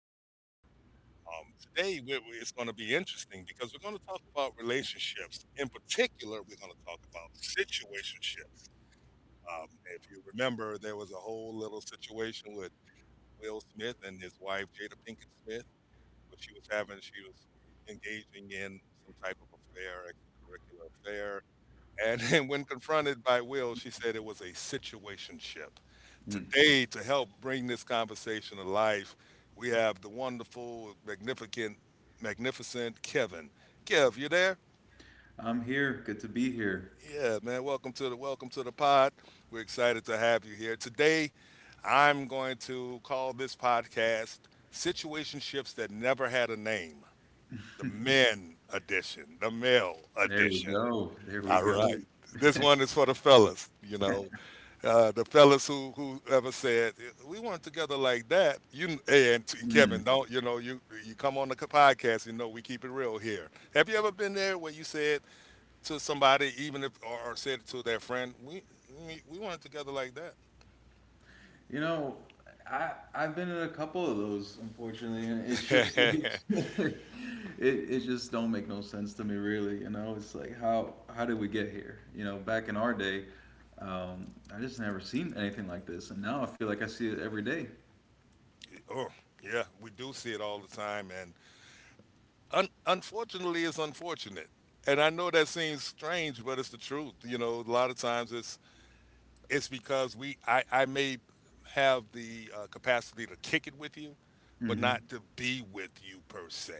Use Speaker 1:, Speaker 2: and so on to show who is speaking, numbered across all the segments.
Speaker 1: our world. Today, it's going to be interesting because we're going to talk about relationships. In particular, we're going to talk about situationships. Um, if you remember, there was a whole little situation with Will Smith and his wife Jada Pinkett Smith, what she was having, she was engaging in some type of affair, extracurricular affair. And when confronted by Will, she said it was a situationship.
Speaker 2: Mm.
Speaker 1: Today, to help bring this conversation to life, we have the wonderful, magnificent, magnificent Kevin. Kev, you there?
Speaker 2: I'm here. Good to be here.
Speaker 1: Yeah, man. Welcome to the pod. We're excited to have you here today. I'm going to call this podcast Situationships That Never Had a Name, the men edition, the male
Speaker 2: There we
Speaker 1: edition.
Speaker 2: go. There we
Speaker 1: All
Speaker 2: go.
Speaker 1: right. This one is for the fellas, you know, the fellas who ever said we weren't together like that. You and
Speaker 2: Mm.
Speaker 1: Kevin, don't you know? You come on the podcast, you know, we keep it real here. Have you ever been there where you said to somebody, even if or, or said it to their friend, we weren't together like
Speaker 2: You know, I've been in a couple of those, unfortunately, and it's just
Speaker 1: that?
Speaker 2: it it just don't make no sense to me, really. You know, it's like how did we get here? You know, back in our day, um, I just never seen anything like this, and now I feel like I see it every day.
Speaker 1: Oh, yeah, we do see it all the time, and unfortunately, it's unfortunate. And I know that seems strange, but it's the truth. You know, a lot of times it's because I may have the capacity to kick it with you, but
Speaker 2: Mm-hmm.
Speaker 1: not to be with you per se,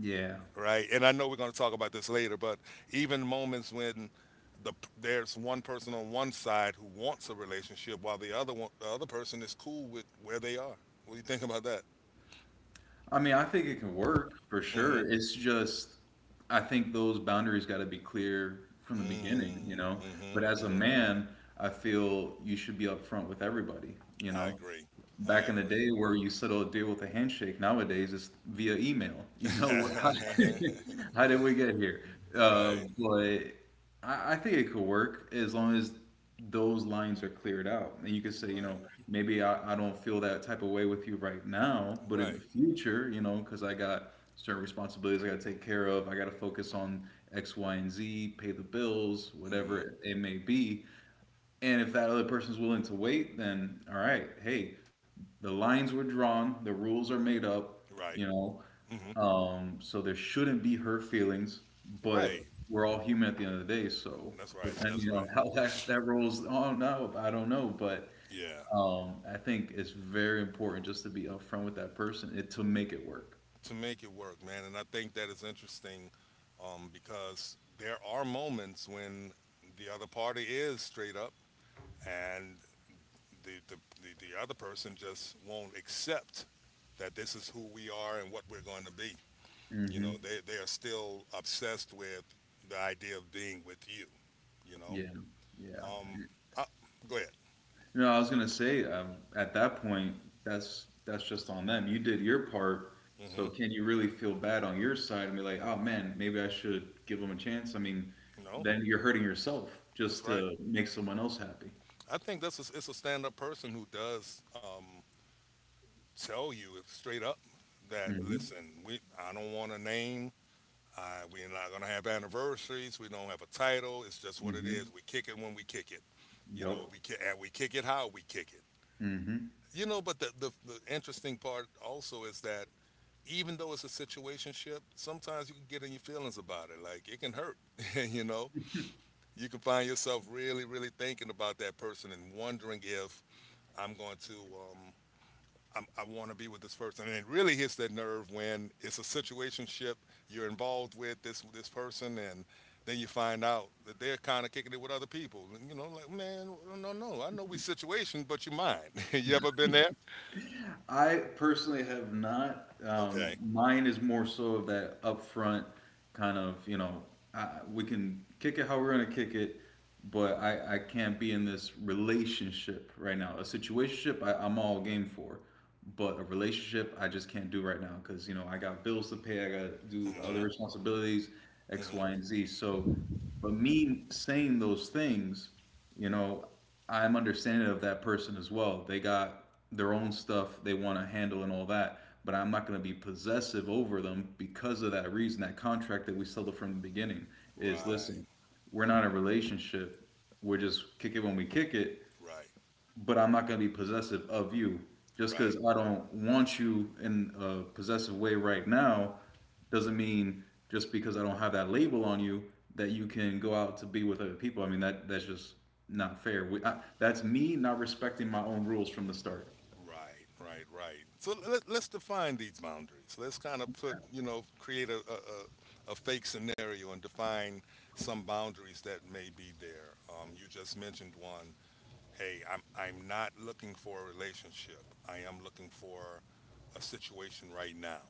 Speaker 2: Yeah.
Speaker 1: right? And I know we're going to talk about this later, but even moments when there's one person on one side who wants a relationship while the other person is cool with where they are. What do you think about that?
Speaker 2: I mean, I think it can work for
Speaker 1: Hmm.
Speaker 2: sure. It's just, I think those boundaries got to be clear from the beginning, you
Speaker 1: Mm,
Speaker 2: know?
Speaker 1: mm-hmm,
Speaker 2: But as a
Speaker 1: mm-hmm.
Speaker 2: man, I feel you should be upfront with everybody, you
Speaker 1: I
Speaker 2: know?
Speaker 1: agree.
Speaker 2: Back in
Speaker 1: I
Speaker 2: the day
Speaker 1: agree.
Speaker 2: where you settle a deal with a handshake, nowadays it's via email, you know? How did we get here? Uh,
Speaker 1: Right,
Speaker 2: but I, I think it could work as long as those lines are cleared out. And you could say, you
Speaker 1: right,
Speaker 2: know, maybe I don't feel that type of way with you right now, but in the
Speaker 1: right.
Speaker 2: future, you know, because I got certain responsibilities I got to take care of. I got to focus on X, Y, and Z, pay the bills,
Speaker 1: Mm-hmm.
Speaker 2: whatever it may be. And if that other person's willing to wait, then all right, hey, the lines were drawn, the rules are made up,
Speaker 1: Right.
Speaker 2: you know,
Speaker 1: Mm-hmm.
Speaker 2: so there shouldn't be hurt feelings,
Speaker 1: Right.
Speaker 2: but we're all human at the end of the day, so
Speaker 1: That's right. That's
Speaker 2: depending on
Speaker 1: right.
Speaker 2: how that rolls on out, I don't know, but
Speaker 1: Yeah.
Speaker 2: I think it's very important just to be upfront with that person it, to make it work.
Speaker 1: To make it work, man. And I think that is interesting because there are moments when the other party is straight up and the, the, the other person just won't accept that this is who we are and what we're going to be. You know,
Speaker 2: Hmm.
Speaker 1: they are still obsessed with the idea of being with you. You know,
Speaker 2: Yeah, yeah.
Speaker 1: uh, go ahead.
Speaker 2: You know, I was gonna say at that point, that's just on them. You did your part,
Speaker 1: Hmm.
Speaker 2: so can you really feel bad on your side and be like, oh man, maybe I should give them a chance? I mean,
Speaker 1: No,
Speaker 2: then you're hurting yourself
Speaker 1: that's
Speaker 2: just
Speaker 1: right.
Speaker 2: to make someone else happy.
Speaker 1: I think this is it's a stand up person who does tell you straight up that
Speaker 2: Hmm.
Speaker 1: listen, we I don't want a name. We're not gonna have anniversaries. We don't have a title. It's just what it
Speaker 2: Hmm.
Speaker 1: is. We kick it when we kick it. You
Speaker 2: Yep.
Speaker 1: know, and we kick it how we kick it.
Speaker 2: Mm-hmm.
Speaker 1: You know, but the interesting part also is that even though it's a situationship, sometimes you can get in your feelings about it. Like it can hurt, you know. You can find yourself really, really thinking about that person and wondering if I'm going to, um, I want to be with this person. And it really hits that nerve when it's a situationship you're involved with this person, and then you find out that they're kind of kicking it with other people. And, you know, like man, no, no, I know we situation, but you mine. You ever been there?
Speaker 2: I personally have not.
Speaker 1: Okay.
Speaker 2: Mine is more so of that upfront kind of, you know, I, we can kick it how we're going to kick it, but I can't be in this relationship right now. A situationship I'm all game for, but a relationship I just can't do right now because, you know, I got bills to pay, I got to do other
Speaker 1: Hmm.
Speaker 2: responsibilities, X, Y,
Speaker 1: Hmm.
Speaker 2: and Z. So, but me saying those things, you know, I'm understanding of that person as well. They got their own stuff they want to handle and all that, but I'm not going to be possessive over them because of that reason. That contract that we settled from the beginning is listen,
Speaker 1: Right.
Speaker 2: we're not in a relationship. We're just kick it when we kick it,
Speaker 1: Right.
Speaker 2: but I'm not going to be possessive of you. Just because
Speaker 1: Right.
Speaker 2: I don't want you in a possessive way right now doesn't mean just because I don't have that label on you that you can go out to be with other people. I mean, that's just not fair. We, I, that's me not respecting my own rules from the start.
Speaker 1: Right, right, right. So let's define these boundaries. Let's kind of put, you know, create a fake scenario and define some boundaries that may be there. You just mentioned one. Hey, I'm not looking for a relationship. I am looking for a situation right now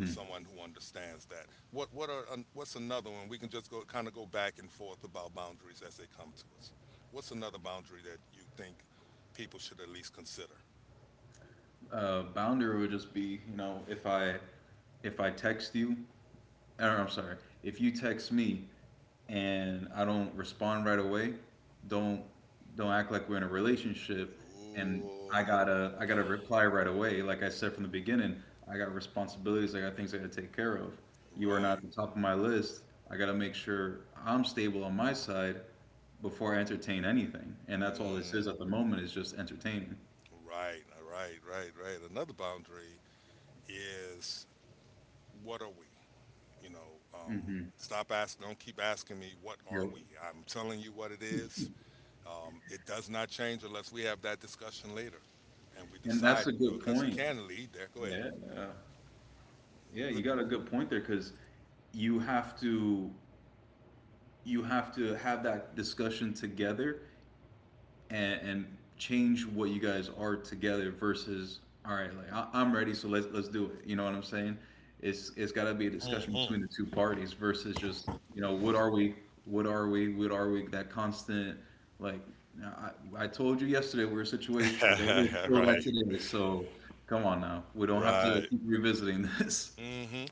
Speaker 1: with someone who understands that. What's another one? We can just go kind of go back and forth about boundaries as they come to us. What's another boundary that you think people should at least consider?
Speaker 2: Boundary would just be, you know, if I text you or I'm sorry, if you text me and I don't respond right away, don't don't act like we're in a relationship and I
Speaker 1: Ooh,
Speaker 2: gotta I gotta reply right away. Like I said from the beginning, I got responsibilities, I got things I gotta take care of. You are not
Speaker 1: right.
Speaker 2: at the top of my list. I gotta make sure I'm stable on my side before I entertain anything. And that's all this is
Speaker 1: Mm,
Speaker 2: at the moment is just entertaining.
Speaker 1: right, right, right, right. Another boundary is what are we? You know, um,
Speaker 2: Hmm.
Speaker 1: stop asking, don't keep asking me, what are
Speaker 2: Yep.
Speaker 1: we? I'm telling you what it is. It does not change unless we have that discussion later and we
Speaker 2: And that's
Speaker 1: decide
Speaker 2: a
Speaker 1: to do
Speaker 2: good
Speaker 1: it because it
Speaker 2: point.
Speaker 1: can lead there. Go ahead.
Speaker 2: Yeah. Yeah, you got a good point there because you have to you have to have that discussion together and change what you guys are together versus all right, like I'm ready, so let's do it. You know what I'm saying? It's got to be a discussion
Speaker 1: Mm-hmm.
Speaker 2: between the two parties versus just you know what are we, what are we, what are we? That constant like I I told you yesterday we're a situation, but we're still
Speaker 1: Right,
Speaker 2: that today. So come on now, we don't have to
Speaker 1: right.
Speaker 2: keep revisiting this.
Speaker 1: Hmm.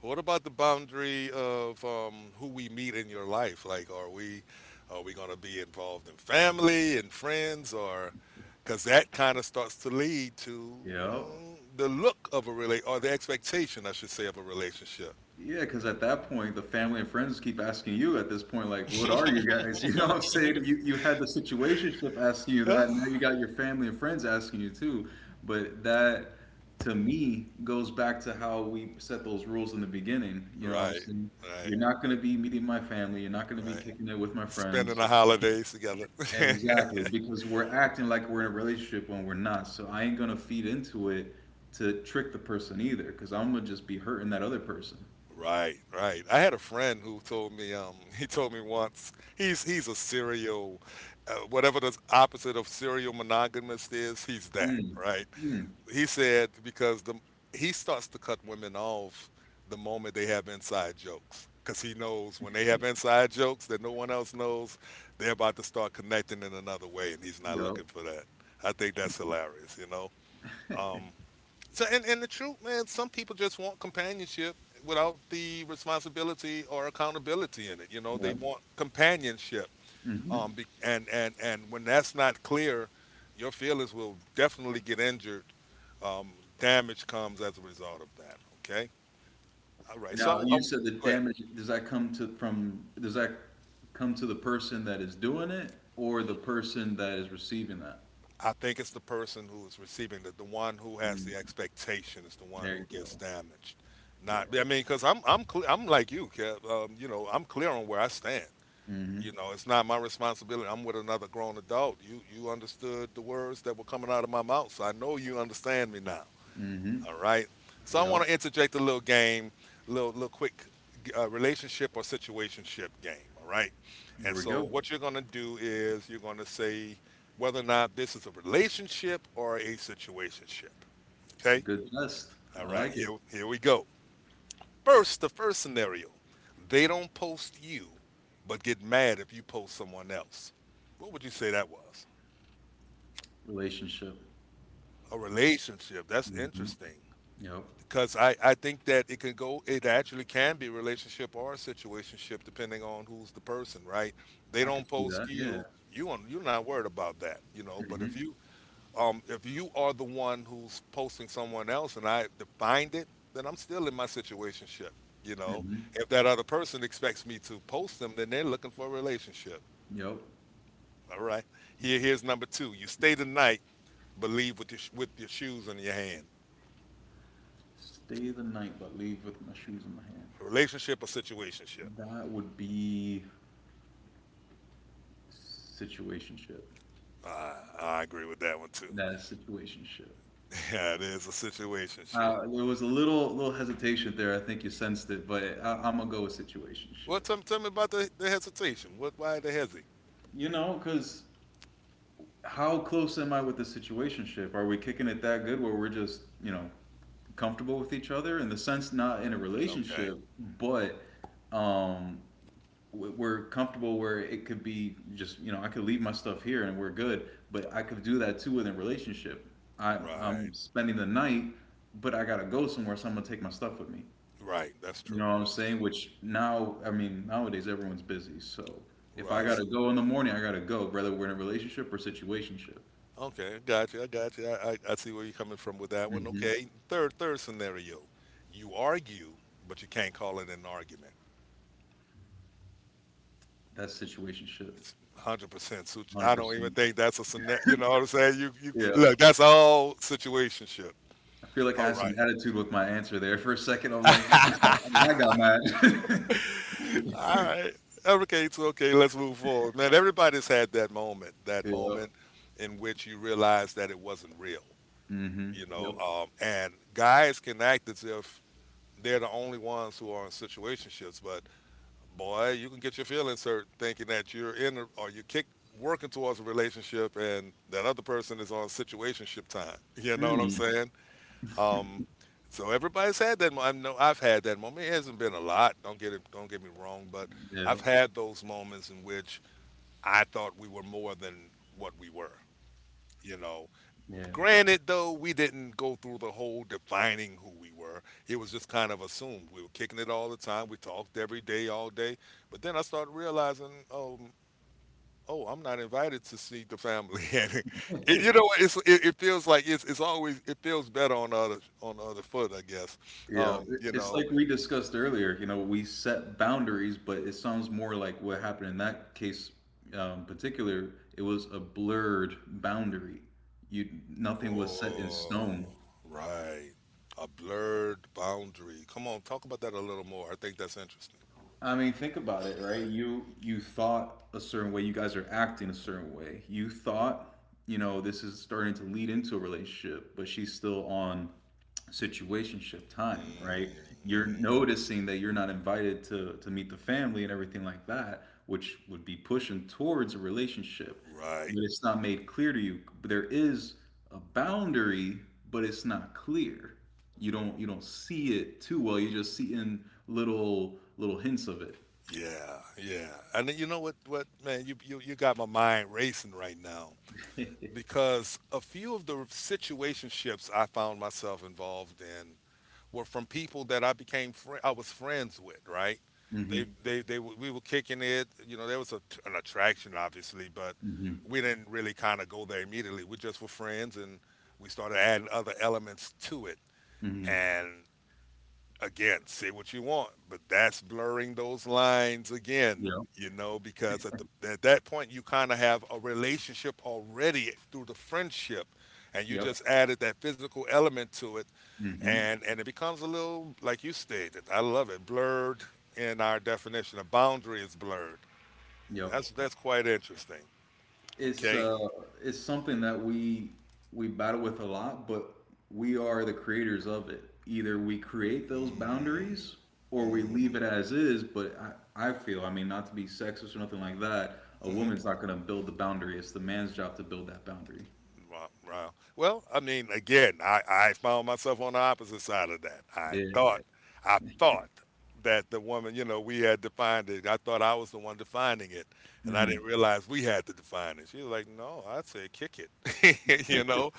Speaker 1: What about the boundary of who we meet in your life? Like, are we going to be involved in family and friends, or because that kind of starts to lead to
Speaker 2: Yep.
Speaker 1: mm, the look of a relate or the expectation, I should say, of a relationship.
Speaker 2: Yeah, because at that point, the family and friends keep asking you at this point, like, what are you guys? You know what I'm saying? You had the situationship asking you
Speaker 1: Yeah.
Speaker 2: that, and now you got your family and friends asking you too. But that, to me, goes back to how we set those rules in the beginning. You know what I'm
Speaker 1: Right,
Speaker 2: saying?
Speaker 1: right,
Speaker 2: You're not going to be meeting my family. You're not going to be
Speaker 1: right.
Speaker 2: kicking it with my
Speaker 1: Spending
Speaker 2: friends.
Speaker 1: the holidays together.
Speaker 2: Exactly, because we're acting like we're in a relationship when we're not. So I ain't going to feed into it to trick the person either, because I'm going to just be hurting that other person.
Speaker 1: Right, right. I had a friend who told me, he told me once, he's a serial, whatever the opposite of serial monogamist is, he's that,
Speaker 2: Mm,
Speaker 1: right?
Speaker 2: mm.
Speaker 1: He said because the he starts to cut women off the moment they have inside jokes, because he knows when they have inside jokes that no one else knows, they're about to start connecting in another way, and he's not
Speaker 2: Yep.
Speaker 1: looking for that. I think that's hilarious, you know. Um, and the truth, man, some people just want companionship without the responsibility or accountability in it. You know, they
Speaker 2: Yup,
Speaker 1: want companionship.
Speaker 2: mhm.
Speaker 1: Be, and when that's not clear, your feelings will definitely get injured. Um, Damage comes as a result of that. Okay. All right.
Speaker 2: Now, you said the
Speaker 1: Go ahead.
Speaker 2: damage does that come to from does that come to the person that is doing it or the person that is receiving that?
Speaker 1: I think it's the person who is receiving it, the one who has
Speaker 2: Mm,
Speaker 1: the expectation is the one
Speaker 2: there
Speaker 1: who
Speaker 2: you
Speaker 1: gets
Speaker 2: go.
Speaker 1: damaged. Not,
Speaker 2: Yeah.
Speaker 1: I mean, because I'm like you, Kev. You know, I'm clear on where I stand.
Speaker 2: Mhm,
Speaker 1: You know, it's not my responsibility. I'm with another grown adult. You understood the words that were coming out of my mouth, so I know you understand me now.
Speaker 2: mhm.
Speaker 1: All right. So I
Speaker 2: Yup.
Speaker 1: want to interject a little game, little little quick relationship or situationship game. All right.
Speaker 2: Here
Speaker 1: And
Speaker 2: we
Speaker 1: so
Speaker 2: go.
Speaker 1: what you're gonna do is you're gonna say whether or not this is a relationship or a situationship.
Speaker 2: It's a
Speaker 1: Okay.
Speaker 2: good test.
Speaker 1: All
Speaker 2: I
Speaker 1: right.
Speaker 2: like it.
Speaker 1: Here we go. The first scenario, they don't post you, but get mad if you post someone else. What would you say that was?
Speaker 2: Relationship.
Speaker 1: A relationship. That's
Speaker 2: Mhm.
Speaker 1: interesting.
Speaker 2: Yup.
Speaker 1: Because I think that it can go, it actually can be a relationship or a situationship depending on who's the person, right? They
Speaker 2: I could
Speaker 1: don't
Speaker 2: see that,
Speaker 1: post
Speaker 2: yeah.
Speaker 1: you, you, do you're not worried about that, you know. But
Speaker 2: Mhm,
Speaker 1: if you are the one who's posting someone else and I defined it, then I'm still in my situationship. You know,
Speaker 2: mhm.
Speaker 1: if that other person expects me to post them, then they're looking for a relationship.
Speaker 2: Yup.
Speaker 1: All right. Here's number two. You stay the night, but leave with your with your shoes in your hand.
Speaker 2: Stay the night but leave with my shoes in my hand.
Speaker 1: Relationship or situationship?
Speaker 2: That would be Situationship.
Speaker 1: Uh, I agree with that one too.
Speaker 2: That is situationship.
Speaker 1: Yeah, it is a situationship.
Speaker 2: There was a little hesitation there. I think you sensed it, but I'm gonna go with
Speaker 1: Well,
Speaker 2: situationship.
Speaker 1: tell me about the hesitation. What? Why the hesi?
Speaker 2: You know, because how close am I with the situationship? Are we kicking it that good where we're just you know comfortable with each other in the sense not in a
Speaker 1: Okay.
Speaker 2: relationship, but um, we're comfortable where it could be just you know I could leave my stuff here and we're good, but I could do that too within relationship. I,
Speaker 1: Right.
Speaker 2: I'm spending the night, but I gotta go somewhere, so I'm gonna take my stuff with me.
Speaker 1: Right. That's
Speaker 2: You
Speaker 1: true.
Speaker 2: know what I'm
Speaker 1: That's
Speaker 2: saying?
Speaker 1: true.
Speaker 2: Which now, I mean, nowadays everyone's busy, so if I
Speaker 1: Right.
Speaker 2: gotta go in the morning, I gotta go, whether we're in a relationship or situationship.
Speaker 1: Okay, I got you. I got you. I see where you're coming from with that one.
Speaker 2: Mm-hmm.
Speaker 1: Okay, third scenario, you argue, but you can't call it an argument.
Speaker 2: That's situationship,
Speaker 1: It's 100%.
Speaker 2: hundred
Speaker 1: I don't even
Speaker 2: percent.
Speaker 1: think that's a scenario. You know what I'm saying? You
Speaker 2: Yeah,
Speaker 1: look. That's all situationship.
Speaker 2: I feel like I
Speaker 1: All
Speaker 2: had
Speaker 1: right.
Speaker 2: some attitude with my answer there. For a second, I'm like, I got mad.
Speaker 1: All right. Okay, it's okay. Let's move forward, man. Everybody's had that moment. That
Speaker 2: Yeah.
Speaker 1: moment in which you realize that it wasn't real.
Speaker 2: Mm-hmm.
Speaker 1: You know,
Speaker 2: Yep.
Speaker 1: and guys can act as if they're the only ones who are in situationships, but boy, you can get your feelings hurt thinking that you're in a, or you kick working towards a relationship and that other person is on situationship time. You know what I'm
Speaker 2: Mm.
Speaker 1: saying? Um, so everybody's had that. I know I've had that moment. It hasn't been a lot. Don't get it. Don't get me wrong, but
Speaker 2: Yeah.
Speaker 1: I've had those moments in which I thought we were more than what we were. You know,
Speaker 2: Yeah.
Speaker 1: granted, though, we didn't go through the whole defining who we were. It was just kind of assumed. We were kicking it all the time. We talked every day, all day. But then I started realizing, oh, I'm not invited to see the family, and you know, it feels like it feels better on the other foot, I guess.
Speaker 2: Yeah.
Speaker 1: Um,
Speaker 2: It-
Speaker 1: you
Speaker 2: It's
Speaker 1: know,
Speaker 2: like we discussed earlier, you know, we set boundaries, but it sounds more like what happened in that case particular, it was a blurred boundary. You Nothing was set in
Speaker 1: oh,
Speaker 2: stone.
Speaker 1: right, a blurred boundary. Come on, talk about that a little more. I think that's interesting.
Speaker 2: I mean, think about it, right? You thought a certain way. You guys are acting a certain way. You thought, you know, this is starting to lead into a relationship, but she's still on situationship time, right? You're
Speaker 1: Mm-hmm.
Speaker 2: noticing that you're not invited to meet the family and everything like that, which would be pushing towards a relationship
Speaker 1: Right.
Speaker 2: but it's not made clear to you. But there is a boundary, but it's not clear. You don't see it too well. You're just seeing little hints of it.
Speaker 1: Yeah, yeah. And then you know what man, you got my mind racing right now because a few of the situationships I found myself involved in were from people that I became fri I was friends with, right?
Speaker 2: Mm-hmm.
Speaker 1: We were kicking it, you know, there was an attraction obviously, but
Speaker 2: Mm-hmm.
Speaker 1: we didn't really kind of go there immediately. We just were friends and we started adding other elements to it.
Speaker 2: Mm-hmm.
Speaker 1: And again, say what you want, but that's blurring those lines again,
Speaker 2: Yep.
Speaker 1: you know, because at the at that point you kind of have a relationship already through the friendship and you
Speaker 2: Yep.
Speaker 1: just added that physical element to it,
Speaker 2: Mm-hmm.
Speaker 1: and it becomes a little like you stated. I love it. Blurred in our definition, a boundary is blurred.
Speaker 2: Yep.
Speaker 1: That's quite interesting.
Speaker 2: It's
Speaker 1: Okay.
Speaker 2: uh, it's something that we battle with a lot, but we are the creators of it. Either we create those
Speaker 1: Mm,
Speaker 2: boundaries or we leave
Speaker 1: mm,
Speaker 2: it as is. But I feel, I mean, not to be sexist or nothing like that, a
Speaker 1: mhm.
Speaker 2: woman's not going to build the boundary. It's the man's job to build that boundary.
Speaker 1: Wow, wow. Well, I mean, again, I found myself on the opposite side of that.
Speaker 2: Yeah.
Speaker 1: I thought that the woman, you know, we had defined it. I thought I was the one defining it, and I
Speaker 2: Hmm.
Speaker 1: didn't realize we had to define it. She was like, "No, I'd say kick it," you know.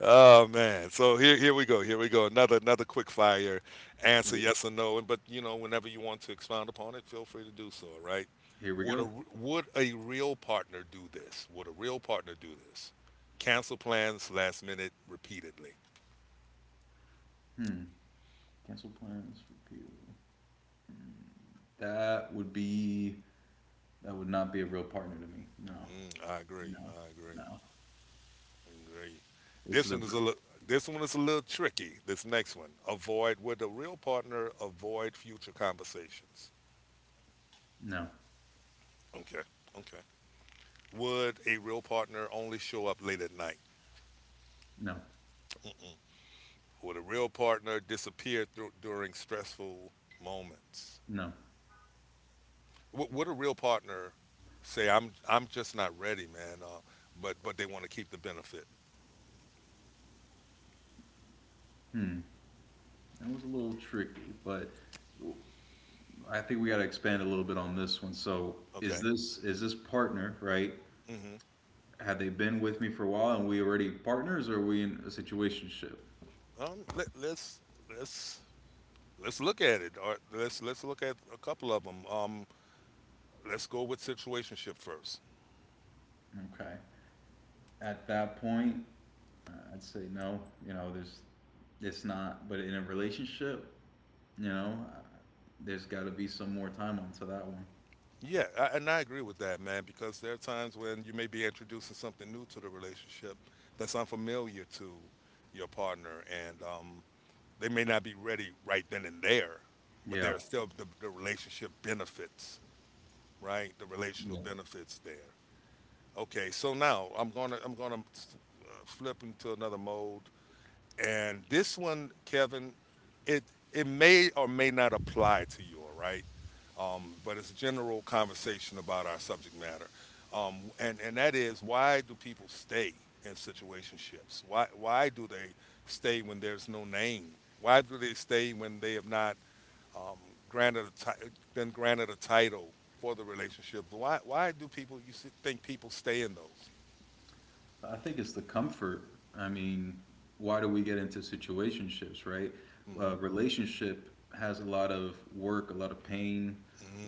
Speaker 1: Oh man. So Here we go. Another quick fire answer yes or no and but you know whenever you want to expound upon it, feel free to do so, all right?
Speaker 2: Here we
Speaker 1: Would
Speaker 2: go.
Speaker 1: would a real partner do this? Would a real partner do this? Cancel plans last minute repeatedly.
Speaker 2: Hmm. Cancel plans. Repeal. That would be that would not be a real partner to me. No.
Speaker 1: Mm, I agree.
Speaker 2: No.
Speaker 1: I agree.
Speaker 2: No.
Speaker 1: Agree.
Speaker 2: It's
Speaker 1: This
Speaker 2: the
Speaker 1: one is a little, this one is a little tricky. This next one. Avoid, would a real partner avoid future conversations?
Speaker 2: No.
Speaker 1: Okay. Okay. Would a real partner only show up late at night?
Speaker 2: No.
Speaker 1: Mm-mm. Would a real partner disappear through during stressful moments?
Speaker 2: No.
Speaker 1: Would a real partner say, "I'm just not ready, man," but they want to keep the benefit?
Speaker 2: That was a little tricky, but I think we got to expand a little bit on this one. So, is
Speaker 1: Okay.
Speaker 2: this is this partner right?
Speaker 1: Hmm.
Speaker 2: Have they been with me for a while, and we already partners, or are we in a situationship?
Speaker 1: Um, let, let's let's let's look at it, or let's look at a couple of them. Let's go with situationship first.
Speaker 2: Okay. At that point, I'd say no. You know, there's it's not. But in a relationship, you know, there's got to be some more time onto that one.
Speaker 1: Yeah, I, and I agree with that, man, because there are times when you may be introducing something new to the relationship that's unfamiliar to your partner, and they may not be ready right then and there, but there
Speaker 2: Yeah.
Speaker 1: are still the relationship benefits, right? The relational
Speaker 2: Yeah.
Speaker 1: benefits there. Okay, so now I'm gonna flip into another mode and this one, Kevin, it it may or may not apply to you, all right? But it's a general conversation about our subject matter. And that is why do people stay in situationships? Why do they stay when there's no name? Why do they stay when they have not um, been granted a title for the relationship? Why do people you s- think people stay in those?
Speaker 2: I think it's the comfort. I mean, why do we get into situationships, right?
Speaker 1: Mm-hmm.
Speaker 2: Relationship has a lot of work, a lot of pain,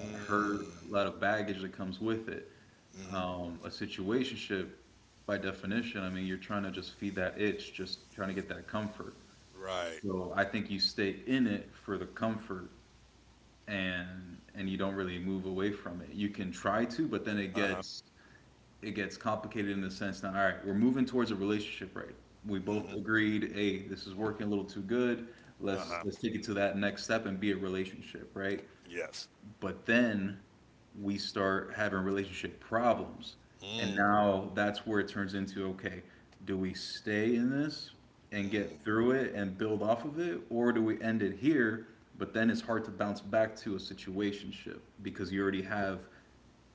Speaker 2: a lot of hurt, a lot of baggage that comes with it.
Speaker 1: Mm-hmm.
Speaker 2: A situationship, by definition, I mean, you're trying to just feed that itch, just trying to get that comfort.
Speaker 1: Right.
Speaker 2: So I think you stay in it for the comfort and you don't really move away from it. You can try to, but then it
Speaker 1: Uh-huh.
Speaker 2: gets it gets complicated in the sense that all right, we're moving towards a relationship, right? We both
Speaker 1: Hmm.
Speaker 2: agreed, hey, this is working a little too good. Let's
Speaker 1: Uh-huh.
Speaker 2: let's take it to that next step and be a relationship, right?
Speaker 1: Yes.
Speaker 2: But then we start having relationship problems. And
Speaker 1: Mm.
Speaker 2: now that's where it turns into okay, do we stay in this and get through it and build off of it? Or do we end it here? But then it's hard to bounce back to a situationship because you already have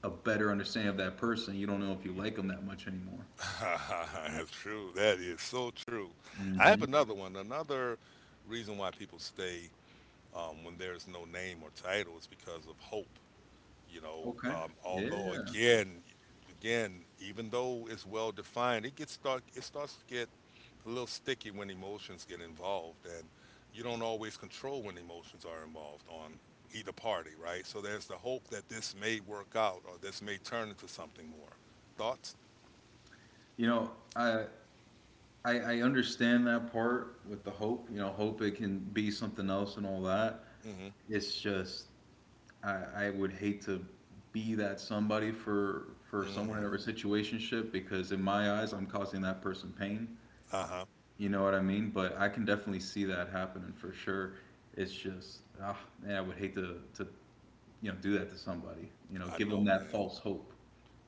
Speaker 2: a better understanding of that person. You don't know if you like them that much anymore.
Speaker 1: Mm. That's true. That is so true. I have
Speaker 2: Hmm.
Speaker 1: another one. Another reason why people stay, when there's no name or title, is because of hope. You know,
Speaker 2: Okay.
Speaker 1: although
Speaker 2: Yeah.
Speaker 1: again, again, even though it's well defined, it gets start. It starts to get a little sticky when emotions get involved and you don't always control when emotions are involved on either party, right? So there's the hope that this may work out or this may turn into something more. Thoughts?
Speaker 2: You know, I I understand that part with the hope. You know, hope it can be something else and all that.
Speaker 1: Mm-hmm.
Speaker 2: It's just I would hate to be that somebody for someone in a
Speaker 1: Mm.
Speaker 2: situationship because in my eyes I'm causing that person pain.
Speaker 1: Uh-huh.
Speaker 2: You know what I mean? But I can definitely see that happening for sure. It's just man, I would hate to you know do that to somebody. You know,
Speaker 1: I
Speaker 2: give them
Speaker 1: know,
Speaker 2: that
Speaker 1: man.
Speaker 2: false hope.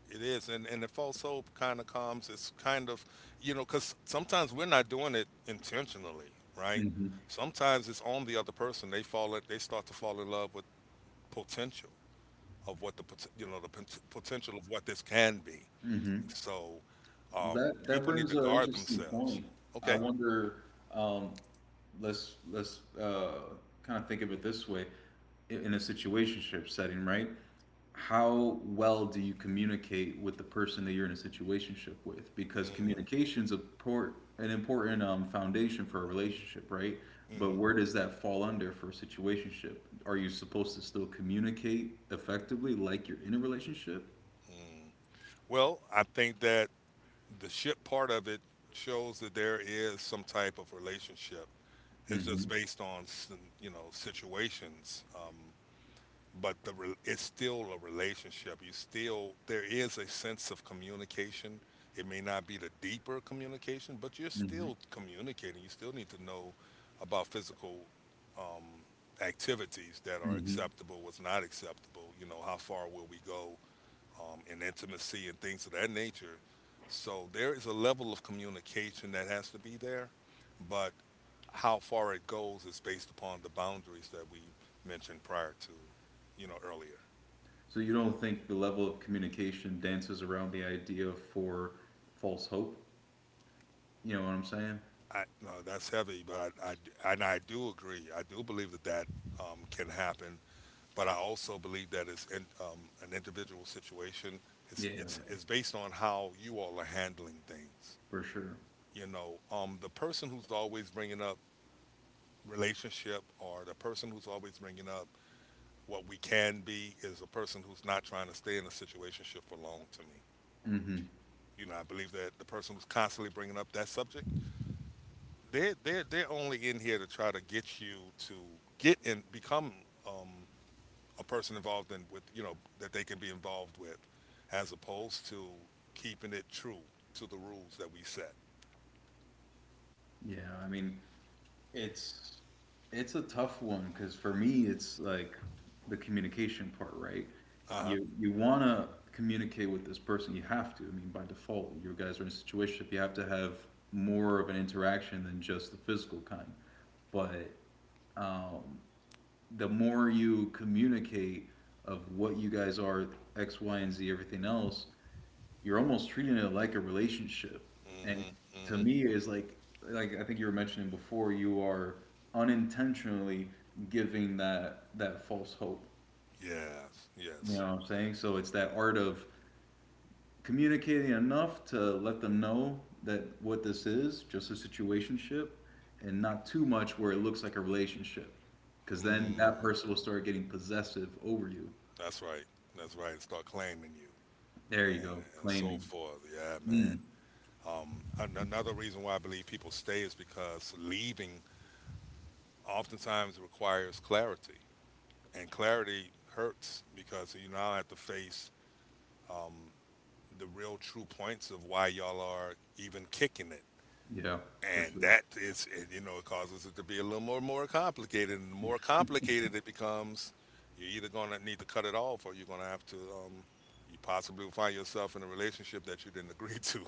Speaker 1: It is, and the false hope kind of comes. It's kind of, you know, because sometimes we're not doing it intentionally, right?
Speaker 2: hmm
Speaker 1: Sometimes it's on the other person. They start to fall in love with potential of you know potential of what this can be.
Speaker 2: hmm
Speaker 1: So um,
Speaker 2: That that
Speaker 1: people need
Speaker 2: brings
Speaker 1: to
Speaker 2: an
Speaker 1: guard
Speaker 2: interesting
Speaker 1: themselves.
Speaker 2: point. I
Speaker 1: Okay.
Speaker 2: wonder. Um, let's kind of think of it this way: in a situationship setting, right? How well do you communicate with the person that you're in a situationship with? Because
Speaker 1: Mm,
Speaker 2: communication's an important foundation for a relationship, right? But
Speaker 1: hmm,
Speaker 2: where does that fall under for a situationship? Are you supposed to still communicate effectively like you're in a relationship?
Speaker 1: mm. Well, I think that the ship part of it shows that there is some type of relationship. It's just
Speaker 2: hmm
Speaker 1: based on some, you know, situations. But it's still a relationship. You still, there is a sense of communication. It may not be the deeper communication, but you're
Speaker 2: hmm
Speaker 1: still communicating. You still need to know about physical um, activities that are
Speaker 2: hmm
Speaker 1: acceptable, what's not acceptable. You know, how far will we go? And intimacy and things of that nature. So there is a level of communication that has to be there, but how far it goes is based upon the boundaries that we mentioned prior to, you know, earlier.
Speaker 2: So you don't think the level of communication dances around the idea for false hope? You know what I'm saying?
Speaker 1: I, no, that's heavy, but and I do agree. I do believe that that can happen, but I also believe that it's in, an individual situation.
Speaker 2: Yeah,
Speaker 1: It's based on how you all are handling things.
Speaker 2: for sure.
Speaker 1: You know, the person who's always bringing up relationship or the person who's always bringing up what we can be is a person who's not trying to stay in a situationship for long to me.
Speaker 2: Hmm.
Speaker 1: You know, I believe that the person who's constantly bringing up that subject, they're only in here to try to get you to get and become um, a person involved in with, you know, that they can be involved with as opposed to keeping it true to the rules that we set.
Speaker 2: Yeah, I mean, it's it's a tough one because for me, it's like the communication part, right?
Speaker 1: Uh huh.
Speaker 2: You want to communicate with this person, you have to. I mean, by default, you guys are in a situation you have to have more of an interaction than just the physical kind. But um, the more you communicate of what you guys are, X, Y, and Z, everything else, you're almost treating it like a relationship.
Speaker 1: Mm
Speaker 2: And
Speaker 1: hmm. Mm
Speaker 2: to
Speaker 1: hmm.
Speaker 2: me, is like I think you were mentioning before, you are unintentionally giving that false hope.
Speaker 1: Yes.
Speaker 2: You
Speaker 1: Yes.
Speaker 2: know what I'm saying? So it's that art of communicating enough to let them know that what this is just a situationship, and not too much where it looks like a relationship, because then that
Speaker 1: Hmm.
Speaker 2: person will start getting possessive over you.
Speaker 1: That's right. That's right. And start claiming you
Speaker 2: There
Speaker 1: and,
Speaker 2: you go,
Speaker 1: and so
Speaker 2: claiming.
Speaker 1: forth. Yeah, man.
Speaker 2: Mm,
Speaker 1: Another reason why I believe people stay is because leaving oftentimes requires clarity, and clarity hurts because you now have to face um, the real true points of why y'all are even kicking it,
Speaker 2: yeah, for
Speaker 1: and
Speaker 2: sure.
Speaker 1: that is and, you know, it causes it to be a little more complicated, and the more complicated it becomes, you're either going to need to cut it off or you're going to have to, you possibly will find yourself in a relationship that you didn't agree to.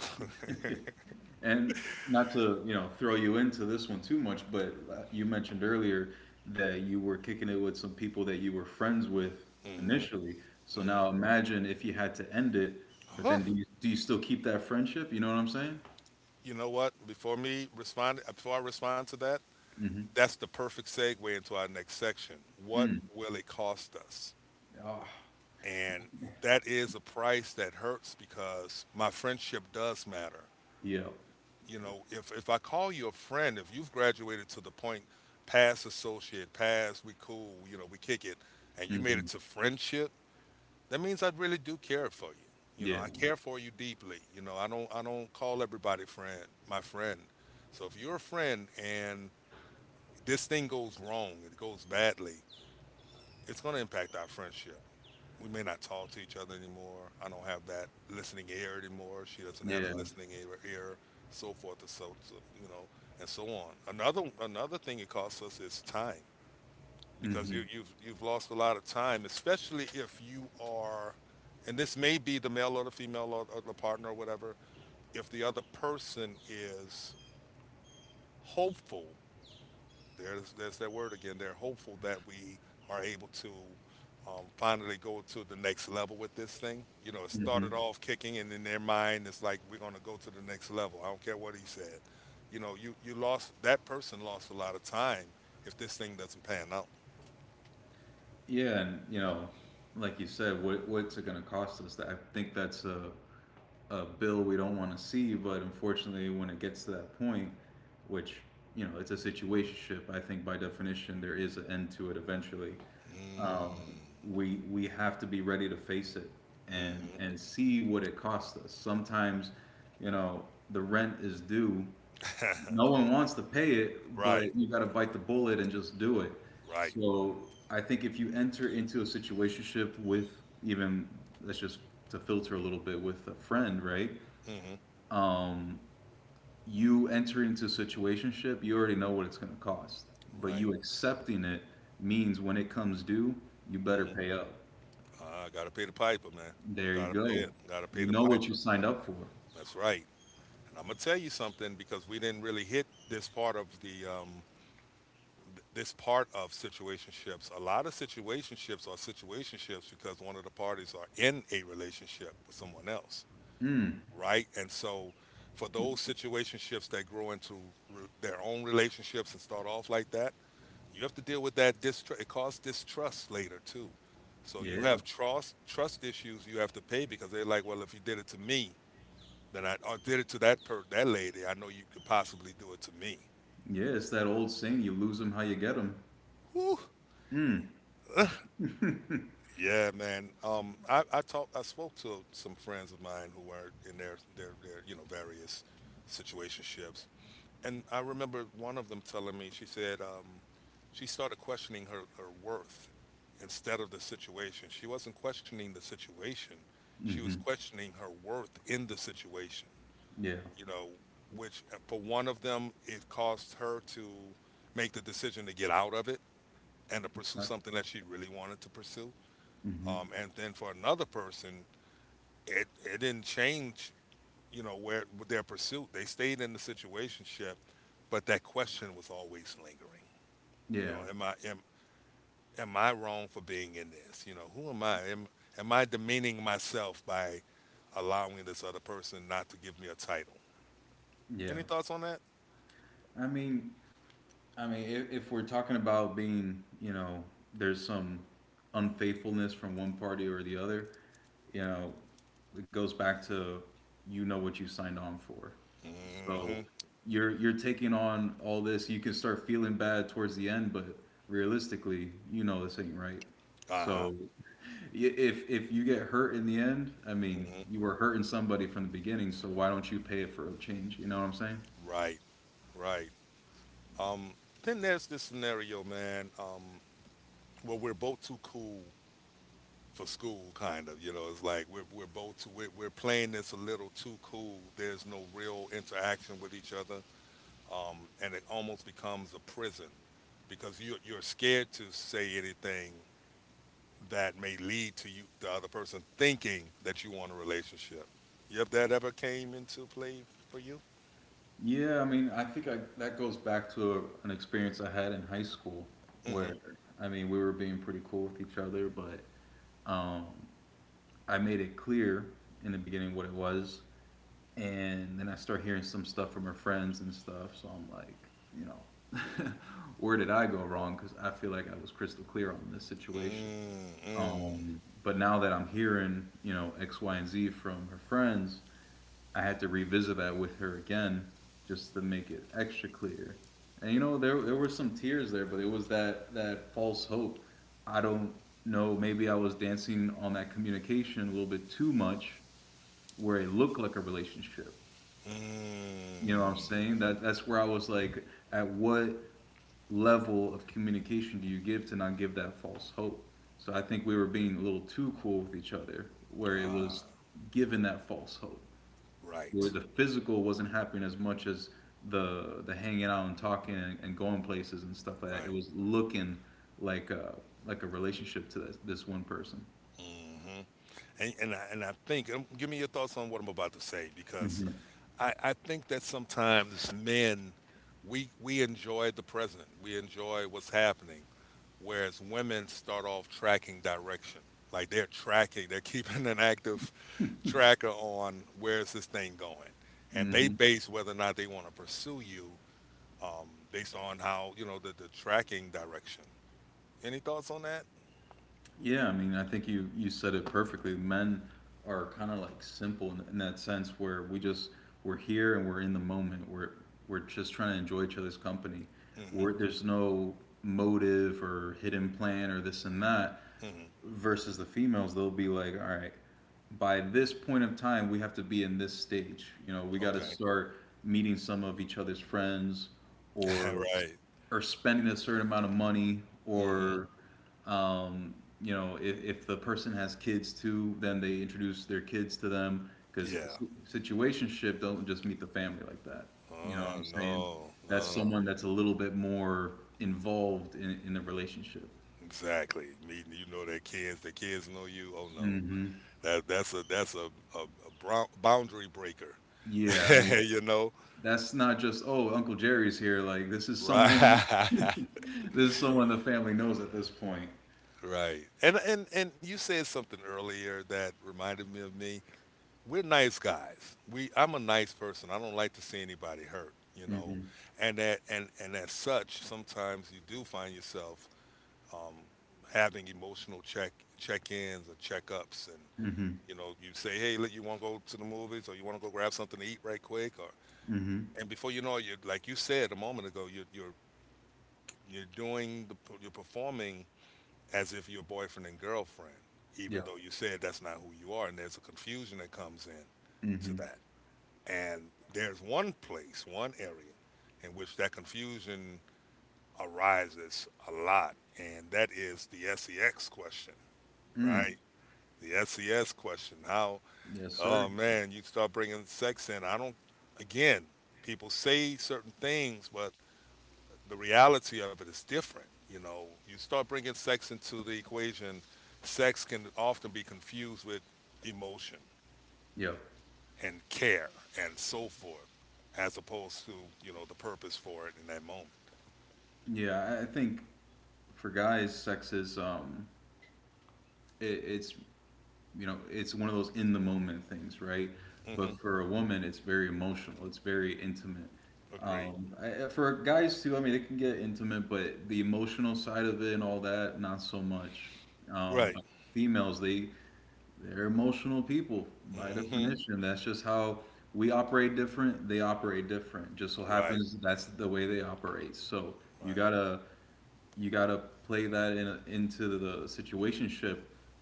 Speaker 2: And not to, you know, throw you into this one too much, but you mentioned earlier that you were kicking it with some people that you were friends with
Speaker 1: Hmm.
Speaker 2: initially. So
Speaker 1: Hmm.
Speaker 2: now imagine if you had to end it, but
Speaker 1: Whew.
Speaker 2: then do you still keep that friendship? You know what I'm saying?
Speaker 1: You know what, before I respond to that,
Speaker 2: Hmm.
Speaker 1: that's the perfect segue into our next section: what will it cost us?
Speaker 2: Ah,
Speaker 1: And that is a price that hurts because my friendship does matter.
Speaker 2: yeah.
Speaker 1: You know, if I call you a friend, if you've graduated to the point past associate, past we cool, you know, we kick it, and you made it
Speaker 2: Hmm.
Speaker 1: to friendship, that means I really do care for you. You know, I
Speaker 2: Yeah.
Speaker 1: care for you deeply. You know, I don't call everybody friend, my friend. So if you're a friend and this thing goes wrong, it goes badly, it's going to impact our friendship. We may not talk to each other anymore. I don't have that listening ear anymore. She doesn't have a
Speaker 2: Yeah.
Speaker 1: listening ear, so forth and so, so you know, and so on. Another thing it costs us is time, because you,
Speaker 2: Hmm.
Speaker 1: you've you've lost a lot of time, especially if you are, and this may be the male or the female, or the partner or whatever. If the other person is hopeful, there's that word again. They're hopeful that we are able to, finally go to the next level with this thing. You know, it started
Speaker 2: Hmm.
Speaker 1: off kicking, and in their mind, it's like we're going to go to the next level. I don't care what he said. You know, you lost that person lost a lot of time if this thing doesn't pan out.
Speaker 2: Yeah, and you know, like you said, what's it gonna cost us? I think that's a bill we don't want to see, but unfortunately, when it gets to that point, which you know, it's a situationship. I think by definition, there is an end to it eventually. Um,
Speaker 1: Mm.
Speaker 2: we have to be ready to face it and
Speaker 1: Hmm.
Speaker 2: see what it costs us. Sometimes, you know, the rent is due. No one wants to pay it,
Speaker 1: Right,
Speaker 2: but you got to bite the bullet and just do it.
Speaker 1: right.
Speaker 2: So I think if you enter into a situationship with even let's just to filter a little bit with a friend, right?
Speaker 1: Hmm.
Speaker 2: um, you entering into a situationship, you already know what it's going to cost. But you
Speaker 1: Right.
Speaker 2: accepting it means when it comes due, you better
Speaker 1: Hmm.
Speaker 2: pay up.
Speaker 1: I gotta pay the piper, man.
Speaker 2: There you
Speaker 1: Gotta pay
Speaker 2: go.
Speaker 1: it. Gotta
Speaker 2: You
Speaker 1: pay the
Speaker 2: know what you
Speaker 1: piper.
Speaker 2: signed up for.
Speaker 1: That's right. And I'm gonna tell you something, because we didn't really hit this part of the, this part of situationships. A lot of situationships are situationships because one of the parties are in a relationship with someone else,
Speaker 2: Mm,
Speaker 1: right? And so, for those situationships that grow into, their own relationships and start off like that, you have to deal with that distrust. It causes distrust later too. So you
Speaker 2: yeah.
Speaker 1: have trust issues you have to pay, because they're like, well, if you did it to me, then I did it to that lady. I know you could possibly do it to me.
Speaker 2: Yeah, it's that old saying, you lose them how you get them.
Speaker 1: Whew.
Speaker 2: Mm,
Speaker 1: Yeah, man. I talked. I spoke to some friends of mine who were in their you know various situationships, and I remember one of them telling me. She said she started questioning her worth instead of the situation. She wasn't questioning the situation. She was
Speaker 2: mm-hmm.
Speaker 1: questioning her worth in the situation.
Speaker 2: Yeah.
Speaker 1: You know, which for one of them, it caused her to make the decision to get out of it and to pursue
Speaker 2: Right.
Speaker 1: something that she really wanted to pursue.
Speaker 2: Mm-hmm.
Speaker 1: And then for another person, it didn't change, you know, where their pursuit. They stayed in the situationship, but that question was always lingering. You know,
Speaker 2: Yeah.
Speaker 1: am I wrong for being in this? You know, who am I? Am I demeaning myself by allowing this other person not to give me a title?
Speaker 2: Yeah.
Speaker 1: Any thoughts on that?
Speaker 2: I mean, I mean, if we're talking about being, you know, there's some unfaithfulness from one party or the other, you know, it goes back to you know what you signed on for. So
Speaker 1: Mm-hmm.
Speaker 2: you're taking on all this. You can start feeling bad towards the end, but realistically, you know this ain't right.
Speaker 1: Uh-huh.
Speaker 2: So if you get hurt in the end, I mean,
Speaker 1: Mhm.
Speaker 2: you were hurting somebody from the beginning. So why don't you pay it for a change? You know what I'm saying?
Speaker 1: Right, right. Um, then there's this scenario, man, where we're both too cool for school, kind of. You know, it's like we're both too, we're playing this a little too cool. There's no real interaction with each other, and it almost becomes a prison because you're scared to say anything that may lead to you the other person thinking that you want a relationship. If that ever came into play for you.
Speaker 2: Yeah, I mean, that goes back to an experience I had in high school
Speaker 1: Mm-hmm.
Speaker 2: where, I mean, we were being pretty cool with each other, but um, I made it clear in the beginning what it was, and then I start hearing some stuff from her friends and stuff, so I'm like, you know, where did I go wrong? Because I feel like I was crystal clear on this situation.
Speaker 1: Mm-hmm.
Speaker 2: But now that I'm hearing, you know, X, Y, and Z from her friends, I had to revisit that with her again just to make it extra clear. And you know, there were some tears there, but it was that false hope. I don't know, maybe I was dancing on that communication a little bit too much where it looked like a relationship. You know what I'm
Speaker 1: Mm.
Speaker 2: saying? That that's where I was like, at what level of communication do you give to not give that false hope? So I think we were being a little too cool with each other, where it was
Speaker 1: Ah,
Speaker 2: given that false hope, where
Speaker 1: right,
Speaker 2: the physical wasn't happening as much as the hanging out and talking and going places and stuff like that. It
Speaker 1: right.
Speaker 2: was looking like a like a relationship to this one person.
Speaker 1: Hmm. And I think, give me your thoughts on what I'm about to say, because
Speaker 2: Hmm.
Speaker 1: I think that sometimes men, we enjoy the present, we enjoy what's happening, whereas women start off tracking direction, like they're tracking, they're keeping an active tracker on where's this thing going, and they
Speaker 2: Hmm.
Speaker 1: base whether or not they want to pursue you, based on how the tracking direction. Any thoughts on that?
Speaker 2: Yeah, I mean, I think you said it perfectly. Men are kind of like simple in that sense where we just we're here and we're in the moment. We're just trying to enjoy each other's company.
Speaker 1: Hmm.
Speaker 2: There's no motive or hidden plan or this and that
Speaker 1: Hmm.
Speaker 2: versus the females they'll be like all right by this point of time we have to be in this stage. You know we got to
Speaker 1: Okay.
Speaker 2: start meeting some of each other's friends or
Speaker 1: Right.
Speaker 2: spending a certain amount of money
Speaker 1: Hmm.
Speaker 2: or um, you know if the person has kids too then they introduce their kids to them because
Speaker 1: Yeah.
Speaker 2: situationship don't just meet the family like that. You know what
Speaker 1: Oh,
Speaker 2: I'm saying?
Speaker 1: no,
Speaker 2: That's
Speaker 1: no.
Speaker 2: someone that's a little bit more involved in the relationship.
Speaker 1: Exactly. Meeting, their kids, the kids know you. Oh, no.
Speaker 2: Hmm.
Speaker 1: That's a brown, boundary breaker.
Speaker 2: Yeah.
Speaker 1: You know?
Speaker 2: That's not just, oh, Uncle Jerry's here. Like this is someone
Speaker 1: Right.
Speaker 2: this is someone the family knows at this point.
Speaker 1: Right. And you said something earlier that reminded me of me. We're nice guys. We I'm a nice person. I don't like to see anybody hurt.
Speaker 2: Mm-hmm.
Speaker 1: And that and as such, sometimes you do find yourself, um, having emotional check-ins or check-ups, and
Speaker 2: Mm-hmm.
Speaker 1: you say, "Hey, look, you want to go to the movies, or you want to go grab something to eat right quick, or..."
Speaker 2: Mm-hmm.
Speaker 1: And before you know it, you're like you said a moment ago, you're doing the you're performing as if you're boyfriend and girlfriend,
Speaker 2: Yeah.
Speaker 1: even though you said that's not who you are, and there's a confusion that comes in to
Speaker 2: Mm-hmm.
Speaker 1: that. And there's one place, one area in which that confusion arises a lot, and that is the SEX question, right?
Speaker 2: Mm.
Speaker 1: The SES question. How,
Speaker 2: Yes,
Speaker 1: oh
Speaker 2: sir.
Speaker 1: man, you start bringing sex in. I don't, again, people say certain things, but the reality of it is different. You know, you start bringing sex into the equation. Sex can often be confused with emotion
Speaker 2: Yep.
Speaker 1: and care and so forth, as opposed to the purpose for it in that moment.
Speaker 2: Yeah, I think for guys, sex is it's you know, it's one of those in the moment things, right?
Speaker 1: Mm-hmm.
Speaker 2: But for a woman, it's very emotional. It's very intimate.
Speaker 1: Agreed.
Speaker 2: For guys too, I mean, it can get intimate, but the emotional side of it and all that, not so much.
Speaker 1: Right.
Speaker 2: But females, they they're emotional people by
Speaker 1: Mm-hmm.
Speaker 2: definition. That's just how we operate different. They operate different. Just so
Speaker 1: Right.
Speaker 2: happens that's the way they operate. So you
Speaker 1: Right.
Speaker 2: gotta you gotta play that in into the situationship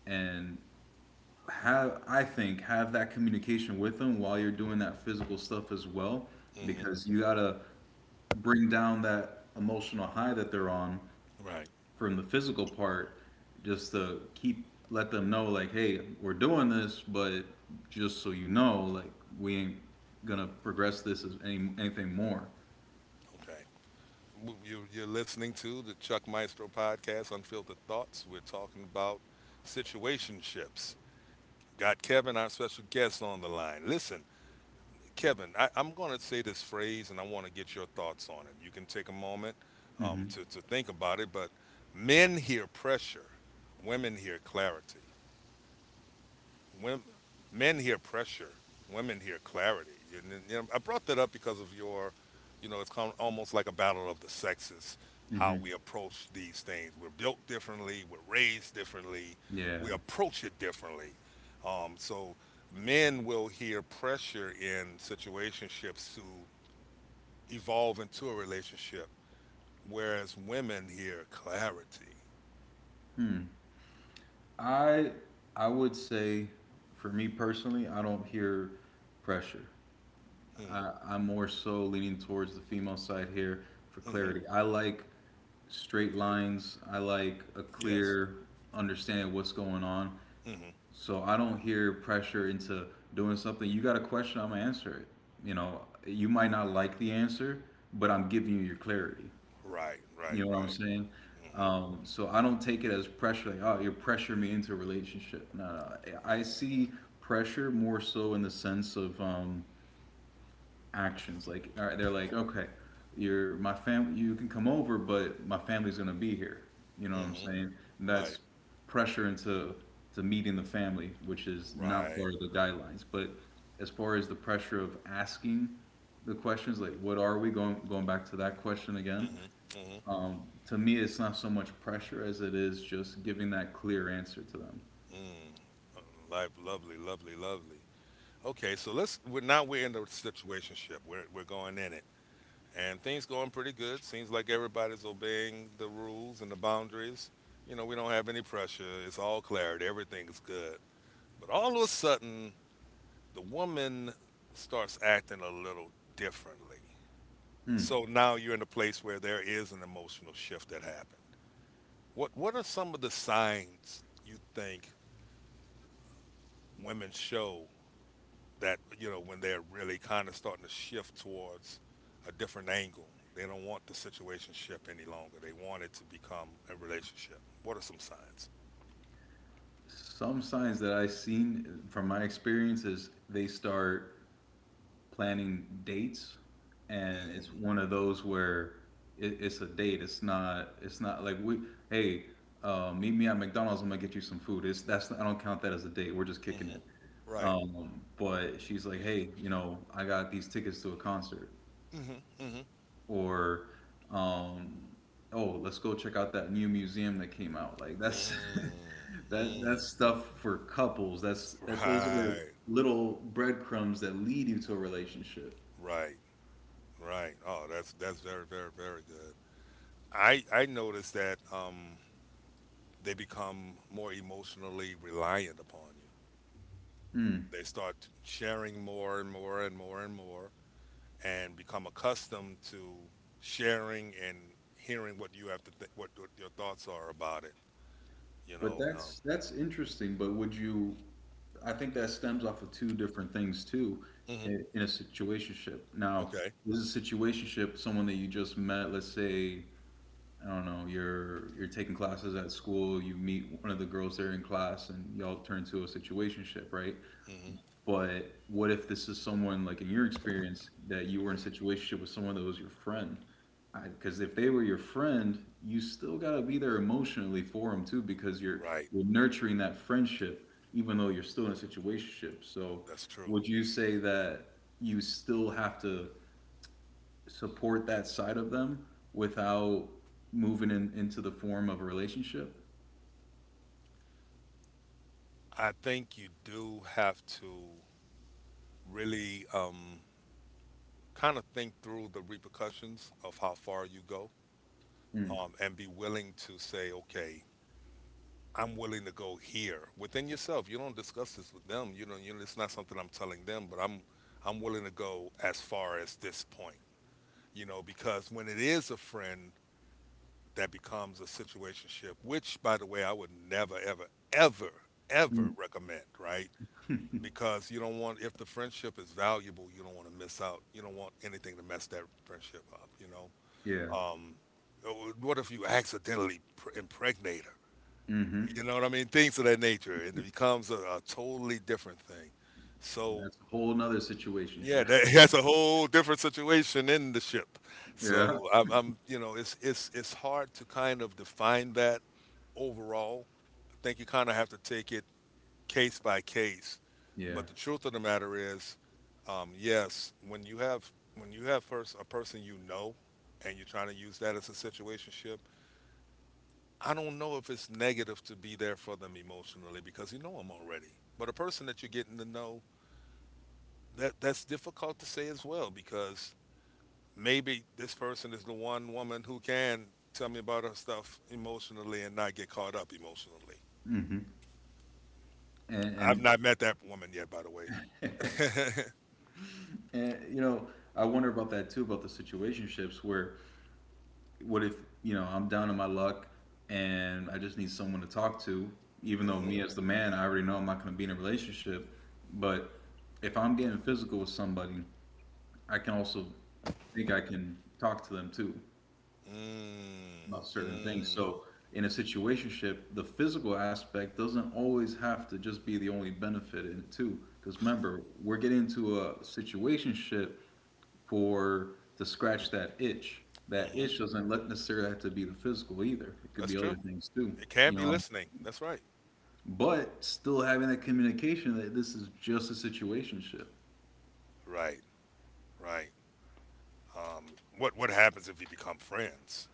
Speaker 2: and have I think have that communication with them while you're doing that physical stuff as well,
Speaker 1: Mm-hmm.
Speaker 2: because you gotta bring down that emotional high that they're on
Speaker 1: Right.
Speaker 2: from the physical part, just to keep let them know like, hey, we're doing this, but just so you know, like we ain't gonna progress this as anything more.
Speaker 1: Okay. You're listening to the Chuck Maestro podcast, Unfiltered Thoughts. We're talking about situationships. Got Kevin, our special guest, on the line. Listen, Kevin, I'm going to say this phrase, and I want to get your thoughts on it. You can take a moment, um,
Speaker 2: Hmm.
Speaker 1: to, to think about it, but men hear pressure, women hear clarity. Women, men hear pressure, women hear clarity. You know, I brought that up because of your, you know, it's kind almost like a battle of the sexes, how
Speaker 2: Hmm.
Speaker 1: we approach these things. We're built differently, we're raised differently,
Speaker 2: Yeah.
Speaker 1: we approach it differently. So men will hear pressure in situationships to evolve into a relationship, whereas women hear clarity.
Speaker 2: I I would say for me personally, I don't hear pressure.
Speaker 1: Mm.
Speaker 2: I'm more so leaning towards the female side here for
Speaker 1: Hmm. Mm-hmm.
Speaker 2: clarity. I like straight lines. I like a
Speaker 1: Yes.
Speaker 2: clear understanding of what's going on.
Speaker 1: Hmm.
Speaker 2: So I don't hear pressure into doing something. You got a question, I'm gonna answer it. You know, you might not like the answer, but I'm giving you your clarity.
Speaker 1: Right. Right.
Speaker 2: You know what I'm
Speaker 1: Right.
Speaker 2: saying? So I don't take it as pressure, like, oh, you're pressuring me into a relationship. No, no. I see pressure more so in the sense of actions. Like, all right, they're like, okay, you're my family. You can come over, but my family's gonna be here. You know what
Speaker 1: Hmm.
Speaker 2: I'm
Speaker 1: Hmm.
Speaker 2: saying? And
Speaker 1: Right.
Speaker 2: that's pressure into to meeting the family, which is not
Speaker 1: Right.
Speaker 2: part of the guidelines. But as far as the pressure of asking the questions, like, what are we going back to that question again?
Speaker 1: Mm-hmm. Mm-hmm.
Speaker 2: To me, it's not so much pressure as it is just giving that clear answer to them.
Speaker 1: Mm. Life, lovely, lovely, lovely. Okay, so let's. We're now we're in the situationship. We're going in it, and things going pretty good. Seems like everybody's obeying the rules and the boundaries. You know, we don't have any pressure. It's all clarity. Everything is good. But all of a sudden, the woman starts acting a little differently.
Speaker 2: Hmm.
Speaker 1: So now you're in a place where there is an emotional shift that happened. What are some of the signs you think women show that when they're really kind of starting to shift towards a different angle. They don't want the situationship any longer. They want it to become a relationship. What are some signs?
Speaker 2: Some signs that I've seen from my experience is they start planning dates, and it's
Speaker 1: Mm-hmm.
Speaker 2: one of those where it's a date. It's not. It's not like we. Hey, meet me at McDonald's. I'm gonna get you some food. It's that's. I don't count that as a date. We're just kicking
Speaker 1: Mm-hmm.
Speaker 2: it.
Speaker 1: Right.
Speaker 2: But she's like, hey, you know, I got these tickets to a concert,
Speaker 1: Mm-hmm. Mm-hmm.
Speaker 2: or, um, oh, let's go check out that new museum that came out. Like that's that
Speaker 1: Mm-hmm.
Speaker 2: that's stuff for couples. That's those are
Speaker 1: Right,
Speaker 2: little breadcrumbs that lead you to a relationship.
Speaker 1: right, right. Oh, that's very, very, very good. I noticed that, they become more emotionally reliant upon you.
Speaker 2: Hmm.
Speaker 1: They start sharing more and more and more and more, and become accustomed to sharing and hearing what you have to think, what your thoughts are about it. You
Speaker 2: But
Speaker 1: know, um,
Speaker 2: that's interesting. But would you? I think that stems off of two different things too,
Speaker 1: mhm.
Speaker 2: in a situationship. Now,
Speaker 1: Okay.
Speaker 2: this is a situationship. Someone that you just met. Let's say I don't know. You're taking classes at school. You meet one of the girls there in class, and y'all turn to a situationship, right?
Speaker 1: Hmm.
Speaker 2: But what if this is someone like in your experience that you were in a situation with someone that was your friend? Because if they were your friend, you still gotta be there emotionally for them too, because you're
Speaker 1: Right.
Speaker 2: you're nurturing that friendship, even though you're still in a situationship. So,
Speaker 1: That's true.
Speaker 2: would you say that you still have to support that side of them without moving into the form of a relationship?
Speaker 1: I think you do have to really, kind of think through the repercussions of how far you go,
Speaker 2: Mm.
Speaker 1: and be willing to say, okay, I'm willing to go here within yourself. You don't discuss this with them. You know, it's not something I'm telling them, but I'm willing to go as far as this point. Because when it is a friend that becomes a situationship, which, by the way, I would never, ever, ever, ever
Speaker 2: Mm.
Speaker 1: recommend, right? Because you don't want, if the friendship is valuable, you don't want to miss out. You don't want anything to mess that friendship up, you know?
Speaker 2: Yeah.
Speaker 1: Um, uh, what if you accidentally impregnate her?
Speaker 2: Mm-hmm.
Speaker 1: You know what I mean? Things of that nature. And it becomes a totally different thing. So,
Speaker 2: That's a whole nother
Speaker 1: yeah,
Speaker 2: situationship.
Speaker 1: that's a whole different situation in the ship.
Speaker 2: Yeah.
Speaker 1: So, I'm, you know, it's hard to kind of define that overall. I think you kind of have to take it case by case.
Speaker 2: Yeah.
Speaker 1: But the truth of the matter is, yes, when you have first a person you know, and you're trying to use that as a situationship, I don't know if it's negative to be there for them emotionally because you know them already. But a person that you're getting to know, that's difficult to say as well, because maybe this person is the one woman who can tell me about her stuff emotionally and not get caught up emotionally.
Speaker 2: Hmm.
Speaker 1: I've
Speaker 2: And
Speaker 1: not met that woman yet, by the way.
Speaker 2: and, and you know, I wonder about that too, about the situationships where what if, I'm down in my luck and I just need someone to talk to, even though
Speaker 1: Mhm.
Speaker 2: me as the man, I already know I'm not going to be in a relationship, but if I'm getting physical with somebody, I can also think I can talk to them too,
Speaker 1: Mm,
Speaker 2: about certain things.
Speaker 1: mm,
Speaker 2: So in a situationship, the physical aspect doesn't always have to just be the only benefit in it too. Because remember, we're getting into a situationship for to scratch that itch. That
Speaker 1: mhm.
Speaker 2: itch doesn't let- necessarily have to be the physical either. It could
Speaker 1: That's
Speaker 2: be other
Speaker 1: true.
Speaker 2: things too,
Speaker 1: It can
Speaker 2: you
Speaker 1: be
Speaker 2: know.
Speaker 1: listening. That's right.
Speaker 2: But still having that communication that this is just a situationship.
Speaker 1: Right. Right. Um, What happens if you become friends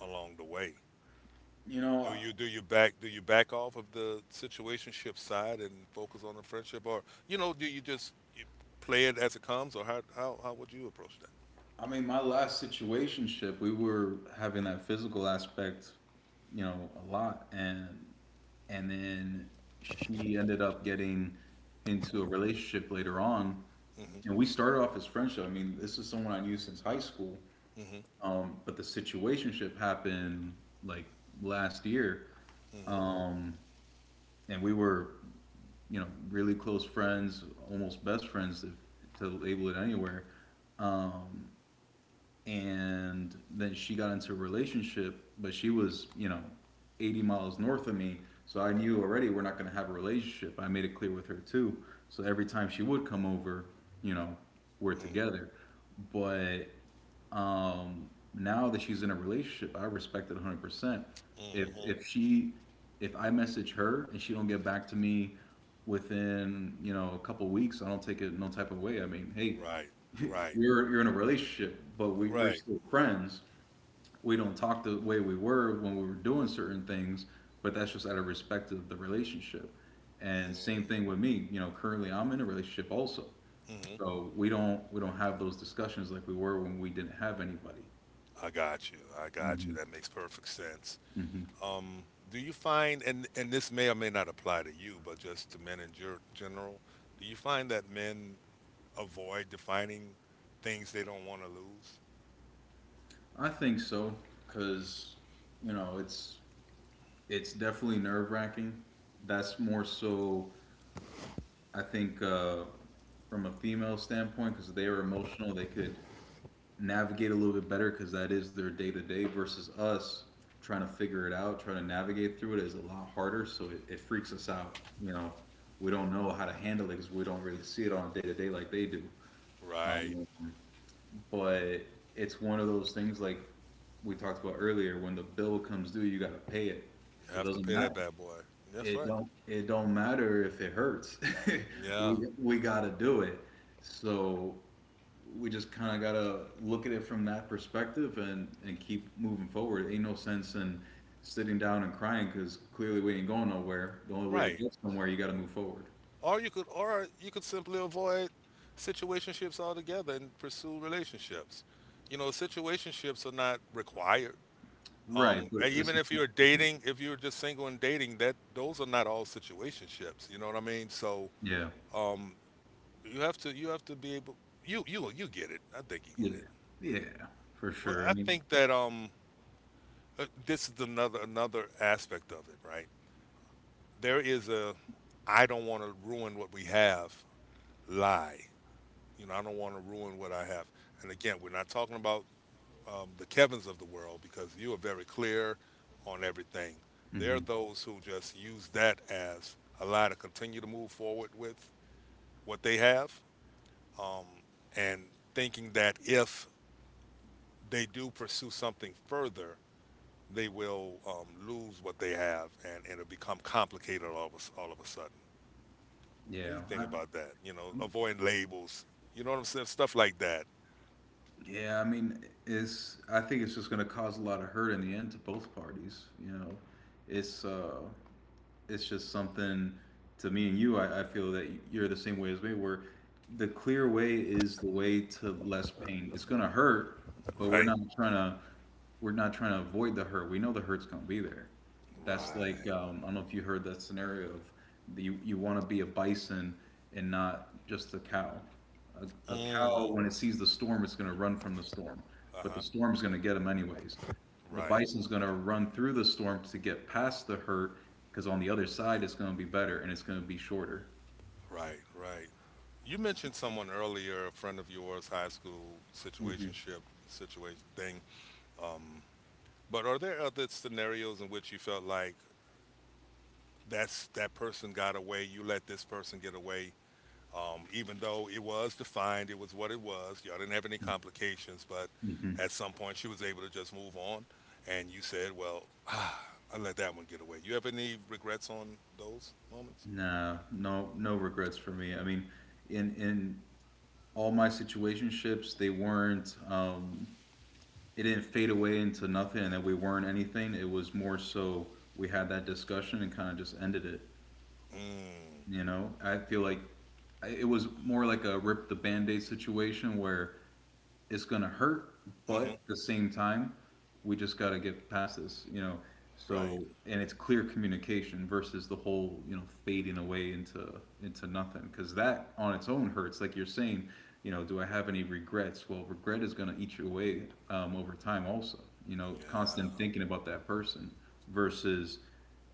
Speaker 1: along the way?
Speaker 2: You
Speaker 1: Do
Speaker 2: know,
Speaker 1: you do you back do you back off of the situationship side and focus on the friendship, or do you just you play it as it comes, or how would you approach that?
Speaker 2: I mean, my last situationship, we were having that physical aspect, a lot, and then she ended up getting into a relationship later on,
Speaker 1: Mm-hmm.
Speaker 2: and we started off as friendship. I mean, this is someone I knew since high school,
Speaker 1: Mm-hmm.
Speaker 2: but the situationship happened like last year,
Speaker 1: Mm-hmm.
Speaker 2: um, and we were, really close friends, almost best friends, if, to label it anywhere. Um, and then she got into a relationship, but she was, 80 miles north of me. So I knew already we're not going to have a relationship. I made it clear with her too. So every time she would come over, you know, we're
Speaker 1: Mm-hmm.
Speaker 2: together. But now that she's in a relationship, I respect it 100%. If
Speaker 1: Mm-hmm.
Speaker 2: if she if I message her and she don't get back to me within, a couple weeks, I don't take it no type of way. I mean, hey,
Speaker 1: Right. Right.
Speaker 2: you're in a relationship, but we're
Speaker 1: Right.
Speaker 2: still friends. We don't talk the way we were when we were doing certain things, but that's just out of respect of the relationship. And same thing with me, currently I'm in a relationship also.
Speaker 1: Mm-hmm.
Speaker 2: So we don't have those discussions like we were when we didn't have anybody.
Speaker 1: I got you. I got you.
Speaker 2: Hmm.
Speaker 1: That makes perfect sense.
Speaker 2: Hmm.
Speaker 1: Um, do you find, and this may or may not apply to you, but just to men in general, do you find that men avoid defining things they don't want to lose?
Speaker 2: I think so, because you know it's definitely nerve wracking. That's more so I think from a female standpoint because they are emotional. They could navigate a little bit better because that is their day to day versus us trying to figure it out, trying to navigate through it is a lot harder. So it freaks us out. You know, we don't know how to handle it because we don't really see it on a day to day like they do.
Speaker 1: Right.
Speaker 2: Um, but it's one of those things like we talked about earlier. When the bill comes due, you got to pay it.
Speaker 1: You
Speaker 2: So it
Speaker 1: have to
Speaker 2: doesn't
Speaker 1: pay that
Speaker 2: matter.
Speaker 1: bad boy. That's
Speaker 2: It
Speaker 1: right.
Speaker 2: don't. It don't matter if it hurts. we
Speaker 1: Yeah.
Speaker 2: we got to do it. So we just kind of gotta look at it from that perspective and keep moving forward. It ain't no sense in sitting down and crying because clearly we ain't going nowhere. The only way to
Speaker 1: Right.
Speaker 2: get somewhere, you gotta move forward.
Speaker 1: Or you could simply avoid situationships altogether and pursue relationships. You know, situationships are not required.
Speaker 2: Right,
Speaker 1: Um, and even if you're dating, if you're just single and dating, that those are not all situationships. You know what I mean? So,
Speaker 2: yeah,
Speaker 1: um, you have to be able, you get it. I think you
Speaker 2: yeah,
Speaker 1: get it.
Speaker 2: yeah, for
Speaker 1: Well,
Speaker 2: sure. I
Speaker 1: I
Speaker 2: mean,
Speaker 1: think that, this is another aspect of it, right? There is a "I don't want to ruin what we have" lie. You know, I don't want to ruin what I have. And again, we're not talking about, the Kevins of the world, because you are very clear on everything. There are
Speaker 2: hmm,
Speaker 1: those who just use that as a lie to continue to move forward with what they have, um, and thinking that if they do pursue something further, they will, lose what they have, and it'll become complicated all of a sudden. You
Speaker 2: yeah,
Speaker 1: need to
Speaker 2: I,
Speaker 1: think about that. You know, avoiding labels. You know what I'm saying? Stuff like that.
Speaker 2: yeah. I mean, it's. I think it's just gonna cause a lot of hurt in the end to both parties. It's. uh it's just something to me and you. I feel that you're the same way as me, where the clear way is the way to less pain. It's gonna hurt, but
Speaker 1: Right.
Speaker 2: we're not trying to avoid the hurt. We know the hurt's gonna be there. That's like
Speaker 1: Right.
Speaker 2: I don't know if you heard that scenario of you you want to be a bison and not just a cow. A cow
Speaker 1: Mm.
Speaker 2: when it sees the storm, it's gonna run from the storm, but the
Speaker 1: Uh-huh.
Speaker 2: storm's gonna get him anyways. The
Speaker 1: Right.
Speaker 2: bison's going to run through the storm to get past the hurt because on the other side it's going to be better and it's going to be shorter.
Speaker 1: Right. Right. You mentioned someone earlier, a friend of yours, high school situationship situation thing. But are there other scenarios in which you felt like that person got away, you let this person get away, even though it was defined, it was what it was. Y'all didn't have any complications, but
Speaker 2: Mm-hmm.
Speaker 1: at some point she was able to just move on, and you said, "Well, I let that one get away." You have any regrets on those moments?
Speaker 2: Nah, no, no regrets for me. I mean, in all my situationships, they weren't. It didn't fade away into nothing, and that we weren't anything. It was more so we had that discussion and kind of just ended it.
Speaker 1: Mm.
Speaker 2: You know, I feel like it was more like a rip the band-aid situation where it's gonna hurt, but
Speaker 1: Hmm.
Speaker 2: at the same time, we just gotta get past this, you know.
Speaker 1: Right.
Speaker 2: So, and it's clear communication versus the whole, you know, fading away into nothing. Because that on its own hurts. Like you're saying, you know, do I have any regrets? Well, regret is gonna eat you away over time, also. You know, constant
Speaker 1: Yeah.
Speaker 2: thinking about that person versus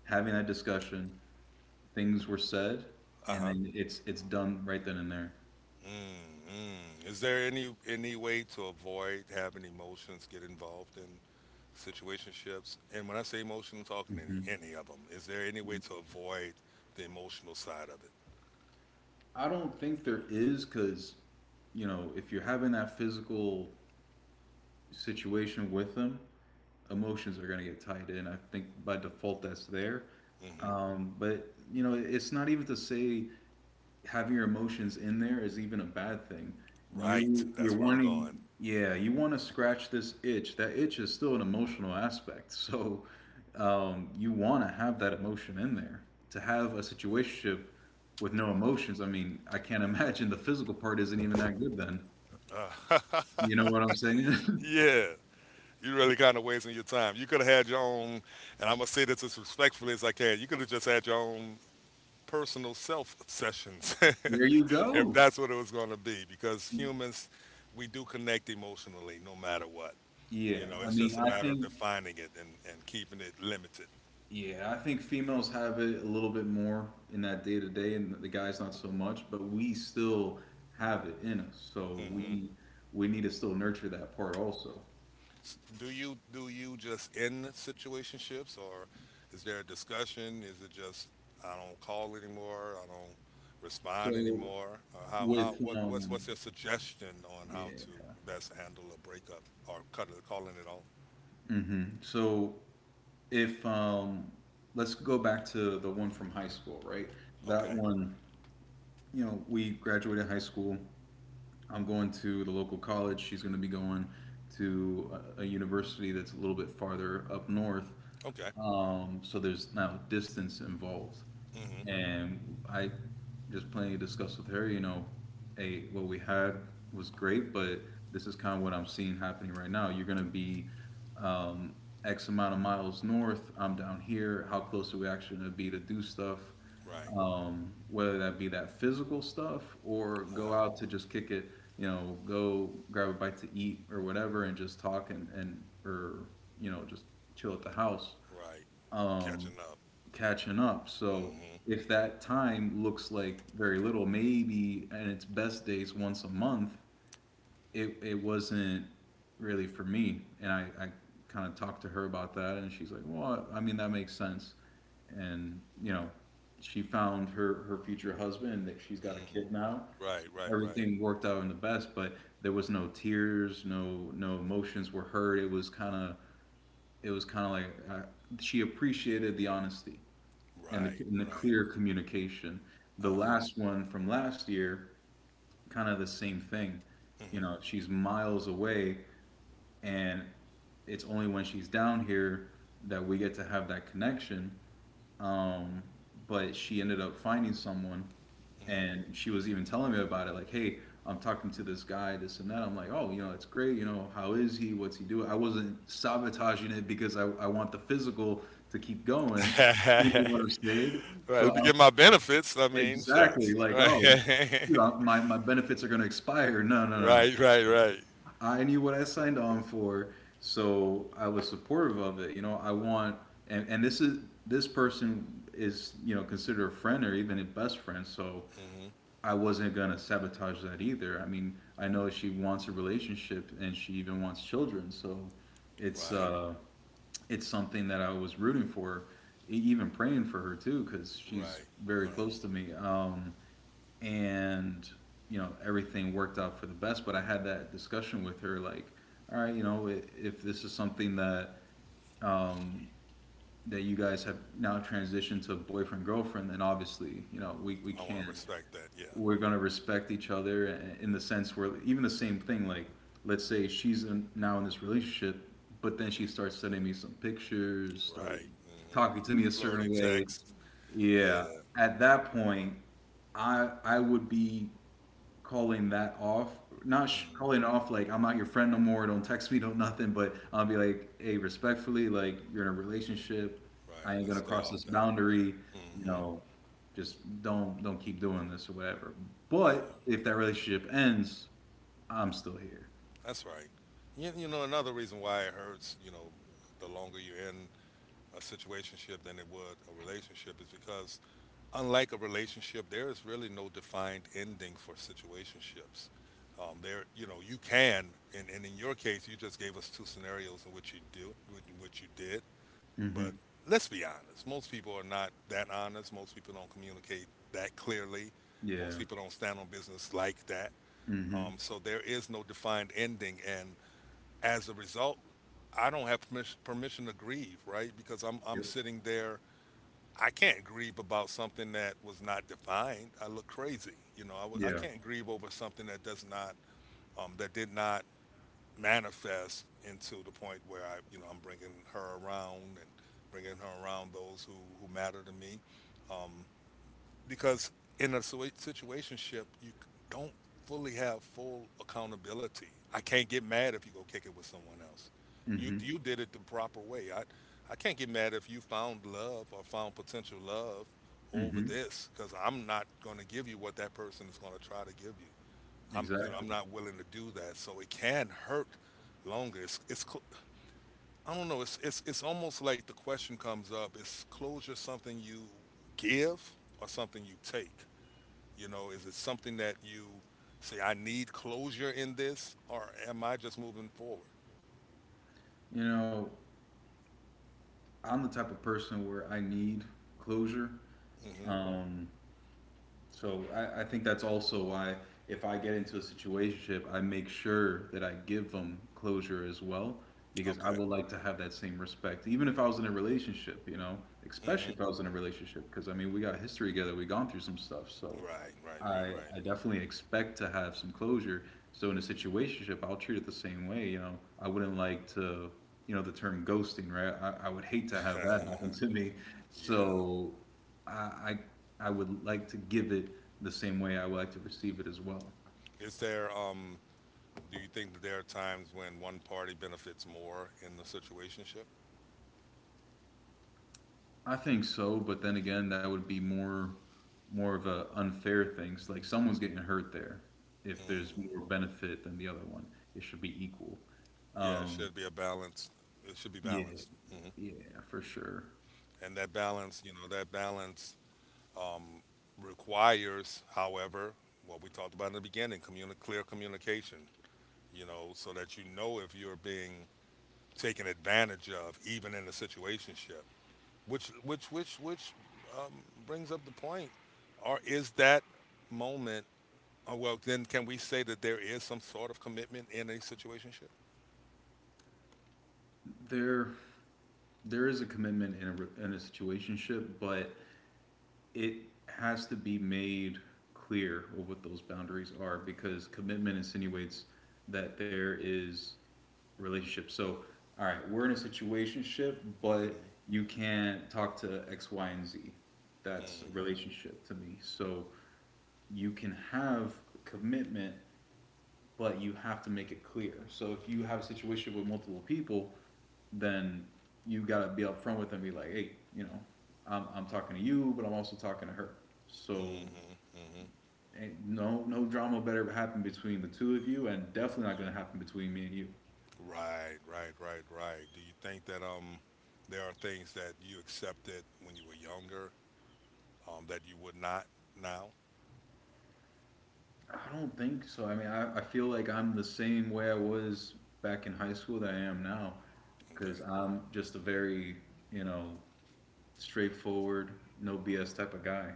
Speaker 2: having that discussion. Things were said,
Speaker 1: Uh
Speaker 2: and
Speaker 1: huh.
Speaker 2: then it's done right then and there.
Speaker 1: Mm, mm. Is there any way to avoid having emotions get involved in situationships? And when I say emotion, I'm talking any
Speaker 2: Mhm.
Speaker 1: any of them. Is there any way to avoid the emotional side of it?
Speaker 2: I don't think there is because, you know, if you're having that physical situation with them, emotions are going to get tied in. I think by default that's there.
Speaker 1: Hmm.
Speaker 2: But, you know, it's not even to say having your emotions in there is even a bad thing.
Speaker 1: Right.
Speaker 2: You
Speaker 1: That's
Speaker 2: you're
Speaker 1: where I'm
Speaker 2: wanting
Speaker 1: going.
Speaker 2: yeah, you want to scratch this itch. That itch is still an emotional aspect. So you want to have that emotion in there. To have a situationship with no emotions, I mean, I can't imagine the physical part isn't even that good then.
Speaker 1: Uh,
Speaker 2: You know what I'm saying?
Speaker 1: yeah. You really kind of wasting your time. You could have had your own, and I'm gonna say this as respectfully as I can. You could have just had your own personal self sessions,
Speaker 2: There you
Speaker 1: if
Speaker 2: go.
Speaker 1: that's what it was going to be, because humans, we do connect emotionally no matter what. You
Speaker 2: Yeah,
Speaker 1: know,
Speaker 2: I
Speaker 1: it's
Speaker 2: mean,
Speaker 1: just a
Speaker 2: I
Speaker 1: matter of
Speaker 2: think
Speaker 1: defining it and keeping it limited.
Speaker 2: yeah, I think females have it a little bit more in that day to day, and the guys not so much. But we still have it in us, so
Speaker 1: Hmm.
Speaker 2: we need to still nurture that part also.
Speaker 1: Do you just end situationships, or is there a discussion? Is it just I don't call anymore, I don't respond
Speaker 2: So
Speaker 1: anymore? Or how
Speaker 2: with
Speaker 1: what what's your suggestion on how to
Speaker 2: yeah,
Speaker 1: best handle a breakup or cut it, calling it off?
Speaker 2: hmm, so if let's go back to the one from high school, right? That
Speaker 1: Okay,
Speaker 2: one, you know, we graduated high school. I'm going to the local college. She's going to be going to a university that's a little bit farther up north.
Speaker 1: okay.
Speaker 2: So there's now distance involved,
Speaker 1: Mm-hmm.
Speaker 2: and I just plainly discussed with her, you know, hey, what we had was great, but this is kind of what I'm seeing happening right now. You're gonna be um, X amount of miles north. I'm down here. How close are we actually gonna be to do stuff?
Speaker 1: Right.
Speaker 2: Whether that be that physical stuff or go
Speaker 1: Uh-huh.
Speaker 2: out to just kick it, you know, go grab a bite to eat or whatever, and just talk and or you know just chill at the house,
Speaker 1: Right.
Speaker 2: um,
Speaker 1: Catching up.
Speaker 2: catching up. So
Speaker 1: Mhm.
Speaker 2: if that time looks like very little, maybe in its best days once a month, it wasn't really for me. And I kind of talked to her about that, and she's like, well, I mean, that makes sense. And, you know, she found her future husband, that she's got a
Speaker 1: Mhm.
Speaker 2: kid now. So
Speaker 1: Right, right, right.
Speaker 2: everything worked out in the best, but there was no tears, no no emotions were hurt. It was kind of it was kind of like uh, she appreciated the honesty and
Speaker 1: Right,
Speaker 2: the
Speaker 1: right.
Speaker 2: clear communication. The
Speaker 1: Uh-huh.
Speaker 2: last one from last year, kind of the same thing. You
Speaker 1: Mhm.
Speaker 2: know, she's miles away, and it's only when she's down here that we get to have that connection. Um, but she ended up finding someone,
Speaker 1: Mhm.
Speaker 2: and she was even telling me about it, like, hey, I'm talking to this guy, this and that. I'm like, oh, you know, it's great. You know, how is he? What's he doing? I wasn't sabotaging it because I want the physical to keep going, you know what I'm.
Speaker 1: Right,
Speaker 2: So
Speaker 1: let me
Speaker 2: I'm
Speaker 1: get my benefits. I mean,
Speaker 2: exactly
Speaker 1: shucks.
Speaker 2: like,
Speaker 1: Right.
Speaker 2: oh, my benefits are going to expire. No, no, no,
Speaker 1: Right, right, right.
Speaker 2: I knew what I signed on for, so I was supportive of it. You know I want And this is, this person is, you know, considered a friend or even a best friend. So
Speaker 1: Mhm.
Speaker 2: I wasn't gonna sabotage that either. I mean, I know she wants a relationship and she even wants children, so it's
Speaker 1: Right.
Speaker 2: uh, it's something that I was rooting for, even praying for her too, because she's
Speaker 1: Right.
Speaker 2: very
Speaker 1: Right.
Speaker 2: close to me. And, you know, everything worked out for the best. But I had that discussion with her, like, all right, you know, if this is something that um, that you guys have now transitioned to boyfriend girlfriend, then obviously, you know, we
Speaker 1: I wanna
Speaker 2: can't,
Speaker 1: respect that. Yeah.
Speaker 2: we're going to respect each other, in the sense where, even the same thing, like, let's say now in this relationship, but then she starts sending me some pictures, start
Speaker 1: Right. Mhm.
Speaker 2: talking to me a certain
Speaker 1: Flirty
Speaker 2: way.
Speaker 1: text.
Speaker 2: Yeah,
Speaker 1: Yeah.
Speaker 2: at that point I would be calling that off. Not
Speaker 1: Mm.
Speaker 2: calling it off like I'm not your friend no more, don't text me, don't nothing, but I'll be like, hey, respectfully, like, you're in a relationship,
Speaker 1: Right.
Speaker 2: I ain't
Speaker 1: Let's
Speaker 2: gonna
Speaker 1: stay
Speaker 2: cross
Speaker 1: off
Speaker 2: this
Speaker 1: that.
Speaker 2: boundary, you
Speaker 1: Mhm.
Speaker 2: know, just don't keep doing this or whatever.
Speaker 1: Yeah.
Speaker 2: But if that relationship ends, I'm still here.
Speaker 1: That's right. Another reason why it hurts, the longer you're in a situationship than it would a relationship is because unlike a relationship, there is really no defined ending for situationships. There, you can, and in your case, you just gave us two scenarios in which you do, in which you did.
Speaker 2: Mm-hmm.
Speaker 1: But let's be honest, most people are not that honest. Most people don't communicate that clearly. Most
Speaker 2: Yeah.
Speaker 1: people don't stand on business like that.
Speaker 2: Mm-hmm.
Speaker 1: So there is no defined ending, and as a result, I don't have permission to grieve, right? Because I'm
Speaker 2: Yep.
Speaker 1: sitting there. I can't grieve about something that was not defined. I look crazy, you know. I
Speaker 2: Yeah.
Speaker 1: can't grieve over something that does not that did not manifest into the point where I'm bringing her around and bringing her around those who matter to me. Um, because in a situation ship, you don't fully have full accountability. I can't get mad if you go kick it with someone else. You
Speaker 2: Mm-hmm.
Speaker 1: you did it the proper way. I can't get mad if you found love or found potential love over
Speaker 2: Mm-hmm.
Speaker 1: this because I'm not going to give you what that person is going to try to give you. I'm you know I'm
Speaker 2: Exactly.
Speaker 1: not willing to do that. So it can hurt longer. I don't know. It's almost like the question comes up: is closure something you give or something you take? You know, is it something that you say, I need closure in this, or am I just moving forward?
Speaker 2: You know, I'm the type of person where I need closure.
Speaker 1: Hmm.
Speaker 2: Um, So I think that's also why, if I get into a situationship, I make sure that I give them closure as well, because I
Speaker 1: Okay.
Speaker 2: would like to have that same respect, even if I was in a relationship, you know,
Speaker 1: Hmm.
Speaker 2: especially if I was in a relationship, because I mean, we got history together, we gone through some stuff, so
Speaker 1: Right, right, right,
Speaker 2: I
Speaker 1: right.
Speaker 2: I definitely expect to have some closure. So in a situationship, I'll treat it the same way. You know, I wouldn't like to, you know, the term ghosting, right? I would hate to have that happen to me.
Speaker 1: Yeah.
Speaker 2: So I, I I would like to give it the same way I would like to receive it as well.
Speaker 1: Is there, do you think that there are times when one party benefits more in the situationship?
Speaker 2: I think so, but then again, that would be more of a unfair thing. It's like someone's getting hurt there. If there's
Speaker 1: Mm.
Speaker 2: more benefit than the other one, it should be equal.
Speaker 1: Yeah, it should be a balance. It should be
Speaker 2: Yeah,
Speaker 1: balanced. Hmm.
Speaker 2: yeah, for sure.
Speaker 1: And that balance um, requires, however, what we talked about in the beginning, clear communication, so that you know if you're being taken advantage of, even in a situationship. Which brings up the point: or is that moment? Oh, well, then can we say that there is some sort of commitment in a situationship?
Speaker 2: There there is a commitment in a situationship, but it has to be made clear of what those boundaries are, because commitment insinuates that there is a relationship. So, all right, we're in a situationship, but
Speaker 1: Mm-hmm.
Speaker 2: you can't talk to X, Y, and Z. That's a
Speaker 1: Mm-hmm.
Speaker 2: relationship to me. So, you can have commitment, but you have to make it clear. So if you have a situation with multiple people, then you gotta be upfront with them, and be like, hey, you know, I'm talking to you, but I'm also talking to her. So
Speaker 1: Mm-hmm.
Speaker 2: no no drama better happen between the two of you, and definitely not gonna happen between me and you.
Speaker 1: Right, right, right, right. Do you think that there are things that you accepted when you were younger that you would not now?
Speaker 2: I don't think so. I mean, I feel like I'm the same way I was back in high school that I am now, because
Speaker 1: Okay.
Speaker 2: I'm just a very, you know, straightforward, no BS type of guy.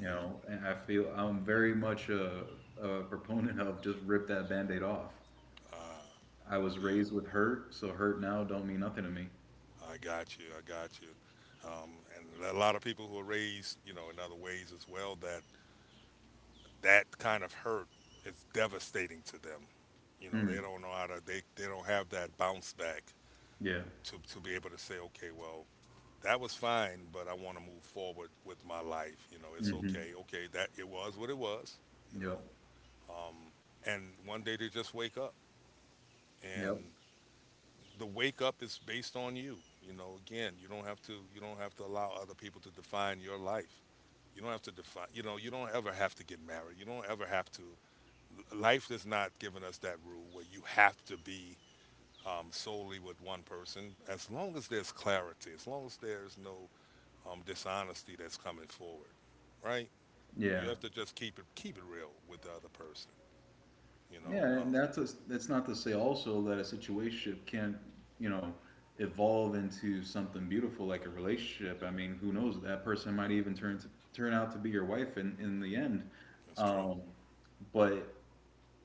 Speaker 2: You know, and I feel I'm very much a proponent of just rip that band-aid off.
Speaker 1: Ah,
Speaker 2: I was
Speaker 1: so you
Speaker 2: raised with hurt, so hurt now don't mean nothing to me.
Speaker 1: I got you. I got you. Um, and a lot of people who are raised in other ways as well, that kind of hurt is devastating to them. You know, they
Speaker 2: Mm,
Speaker 1: don't know how to. They don't have that bounce back
Speaker 2: yeah.
Speaker 1: to be able to say, okay, well, that was fine, but I want to move forward with my life. You know, it's
Speaker 2: Hmm.
Speaker 1: okay. Okay, that it was what it was. You
Speaker 2: Yep.
Speaker 1: know, um, and one day they just wake up
Speaker 2: Yep.
Speaker 1: and the wake up is based on you. You know, again, you don't have to allow other people to define your life. You don't have to define. You know, you don't ever have to get married. You don't ever have to. Life is not giving us that rule where you have to be solely with one person. As long as there's clarity, as long as there's no dishonesty that's coming forward, right?
Speaker 2: Yeah.
Speaker 1: You have to just keep it real with the other person. You
Speaker 2: Yeah,
Speaker 1: know,
Speaker 2: and that's not to say also that a situationship can't, you know, evolve into something beautiful, like a relationship. I mean, who knows? That person might even turn out to be your wife in the end.
Speaker 1: that's true.
Speaker 2: Um, but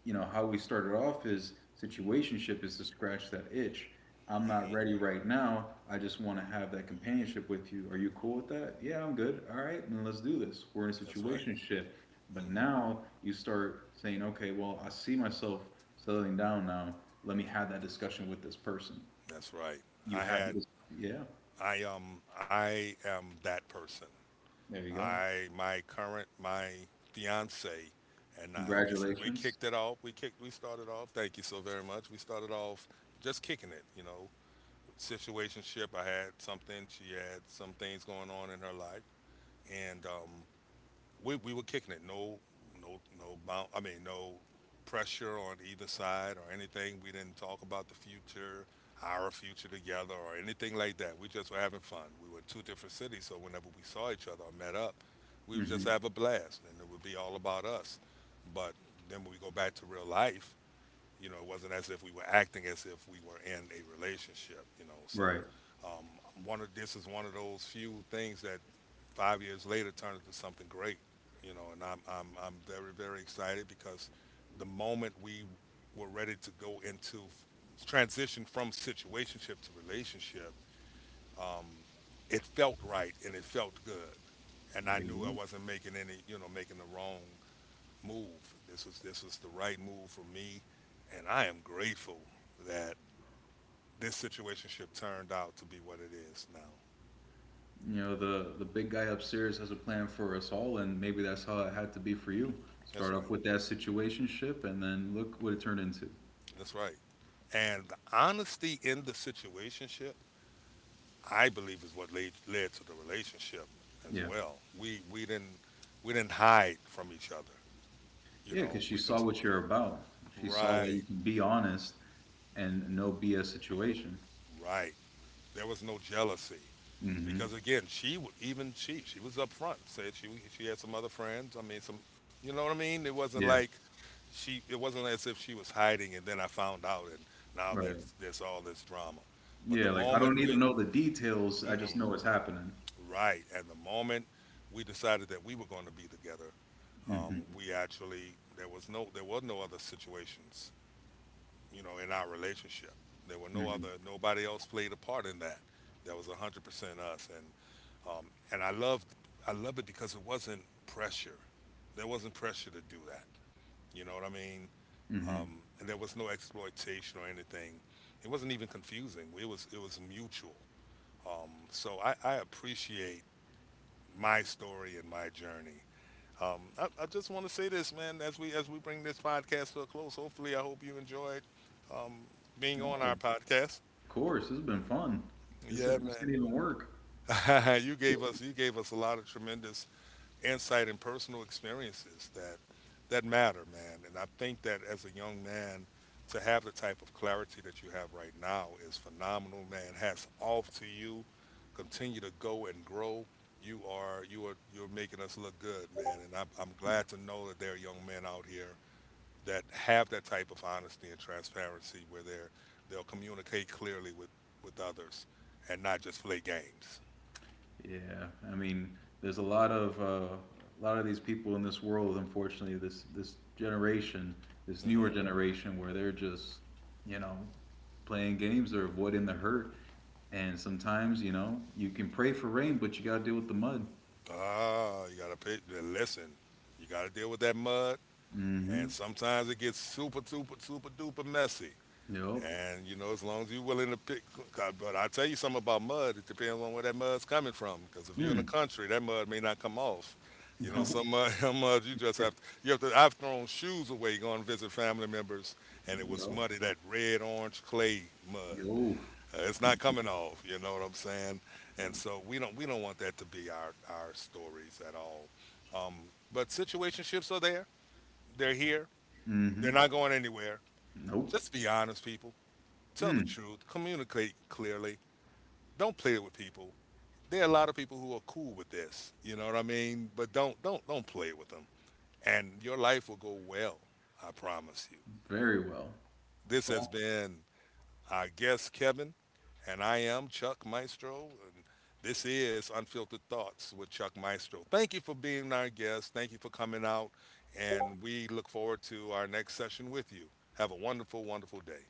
Speaker 2: you know how we started off is, situationship is to scratch that itch. I'm not
Speaker 1: Hmm.
Speaker 2: ready right now, I just want to have that companionship with you. Are you cool with that? Yeah, I'm good. All right, then let's do this. We're in a
Speaker 1: That's right.
Speaker 2: situationship. But
Speaker 1: Hmm.
Speaker 2: now you start saying, okay, well, I see myself settling down now, let me have that discussion with this person.
Speaker 1: That's right.
Speaker 2: You
Speaker 1: I
Speaker 2: have
Speaker 1: had
Speaker 2: this. Yeah.
Speaker 1: I am that person.
Speaker 2: There you go.
Speaker 1: I my current my fiance and I we
Speaker 2: Congratulations.
Speaker 1: kicked it off. We started off. Thank you so very much. We started off just kicking it, you know. Situationship. I had something. She had some things going on in her life, and we were kicking it. No, no, no bound. I mean, no pressure on either side or anything. We didn't talk about the future, our future together, or anything like that. We just were having fun. We were in two different cities, so whenever we saw each other or met up, we would just
Speaker 2: Hmm.
Speaker 1: have a blast, and it would be all about us. But then when we go back to real life, it wasn't as if we were acting as if we were in a relationship. You know, so
Speaker 2: Right.
Speaker 1: one of this is one of those few things that 5 years later turned into something great. You know, and I'm very very excited because the moment we were ready to go into transition from situationship to relationship, it felt right and it felt good, and
Speaker 2: There
Speaker 1: I
Speaker 2: you
Speaker 1: knew I
Speaker 2: go.
Speaker 1: wasn't making any you know making the wrong move. This is the right move for me, and I am grateful that this situationship turned out to be what it is now.
Speaker 2: You know, the big guy upstairs has a plan for us all, and maybe that's how it had to be for you.
Speaker 1: That's
Speaker 2: Start off
Speaker 1: right.
Speaker 2: with that situationship, and then look what it turned into.
Speaker 1: That's right. And the honesty in the situationship, I believe, is what led to the relationship as
Speaker 2: Yeah.
Speaker 1: well. We didn't hide from each other. You
Speaker 2: Yeah,
Speaker 1: know,
Speaker 2: because she saw what you're about. She saw that
Speaker 1: right,
Speaker 2: you can be honest and no BS situation.
Speaker 1: right. There was no jealousy.
Speaker 2: Hmm.
Speaker 1: Because again, even she was upfront, said she had some other friends. I mean, some you know what I mean. It wasn't
Speaker 2: Yeah.
Speaker 1: like she it wasn't as if she was hiding, and then I found out, and now
Speaker 2: Right.
Speaker 1: there's all this drama. But the
Speaker 2: Yeah, like I don't
Speaker 1: moment
Speaker 2: need to
Speaker 1: we
Speaker 2: know the details. I just know what's happening.
Speaker 1: right, and the moment we decided that we were going to be together,
Speaker 2: Hmm.
Speaker 1: we actually there was no there were no other situations in our relationship. There were no other
Speaker 2: Hmm.
Speaker 1: nobody else played a part in that. That was 100% us. And I love it because it wasn't pressure. There wasn't pressure to do that. You know what I mean?
Speaker 2: Hmm.
Speaker 1: And there was no exploitation or anything. It wasn't even confusing. It was mutual. So I appreciate my story and my journey. I just want to say this, man. As we bring this podcast to a close, hopefully, I hope you enjoyed um, being
Speaker 2: Oh,
Speaker 1: on our
Speaker 2: of
Speaker 1: podcast.
Speaker 2: course. This has been fun. This,
Speaker 1: Yeah,
Speaker 2: this didn't even work.
Speaker 1: man. You gave us a lot of tremendous insight and personal experiences that matter, man. And I think that as a young man, to have the type of clarity that you have right now is phenomenal, man. Hats off to you. Continue to go and grow. You're making us look good, man. And I'm glad to know that there are young men out here that have that type of honesty and transparency, where they'll communicate clearly with others and not just play games.
Speaker 2: Yeah, I mean, there's a lot of these people in this world. Unfortunately, this generation, this
Speaker 1: Mhm.
Speaker 2: newer generation, where they're just, you know, playing games or avoiding the hurt. And sometimes, you know, you can pray for rain, but you gotta deal with the mud.
Speaker 1: Ah, you gotta pay, then listen, you gotta deal with that mud, and
Speaker 2: Mm-hmm.
Speaker 1: sometimes it gets super, super, super duper messy.
Speaker 2: Nope.
Speaker 1: And you know, as long as you're willing to pick, but I tell you something about mud. It depends on where that mud's coming from. Because if you're in the
Speaker 2: Mm.
Speaker 1: country, that mud may not come off. You know,
Speaker 2: Nope.
Speaker 1: some mud, some mud you just have to. You have to. I've thrown shoes away going to visit family members, and it was
Speaker 2: Nope.
Speaker 1: muddy, that red orange clay mud.
Speaker 2: Yo.
Speaker 1: It's not coming off. You know what I'm saying? And so we don't want that to be our stories at all. But situationships are there. They're here.
Speaker 2: Mm-hmm.
Speaker 1: They're not going anywhere.
Speaker 2: Nope.
Speaker 1: Just be honest, people. Tell the
Speaker 2: Mm.
Speaker 1: truth. Communicate clearly. Don't play it with people. There are a lot of people who are cool with this. You know what I mean? But don't play with them. And your life will go well. I promise you.
Speaker 2: Very well.
Speaker 1: This
Speaker 2: So
Speaker 1: has been our guest Kevin, and I am Chuck Maestro. And this is Unfiltered Thoughts with Chuck Maestro. Thank you for being our guest. Thank you for coming out. And we look forward to our next session with you. Have a wonderful, wonderful day.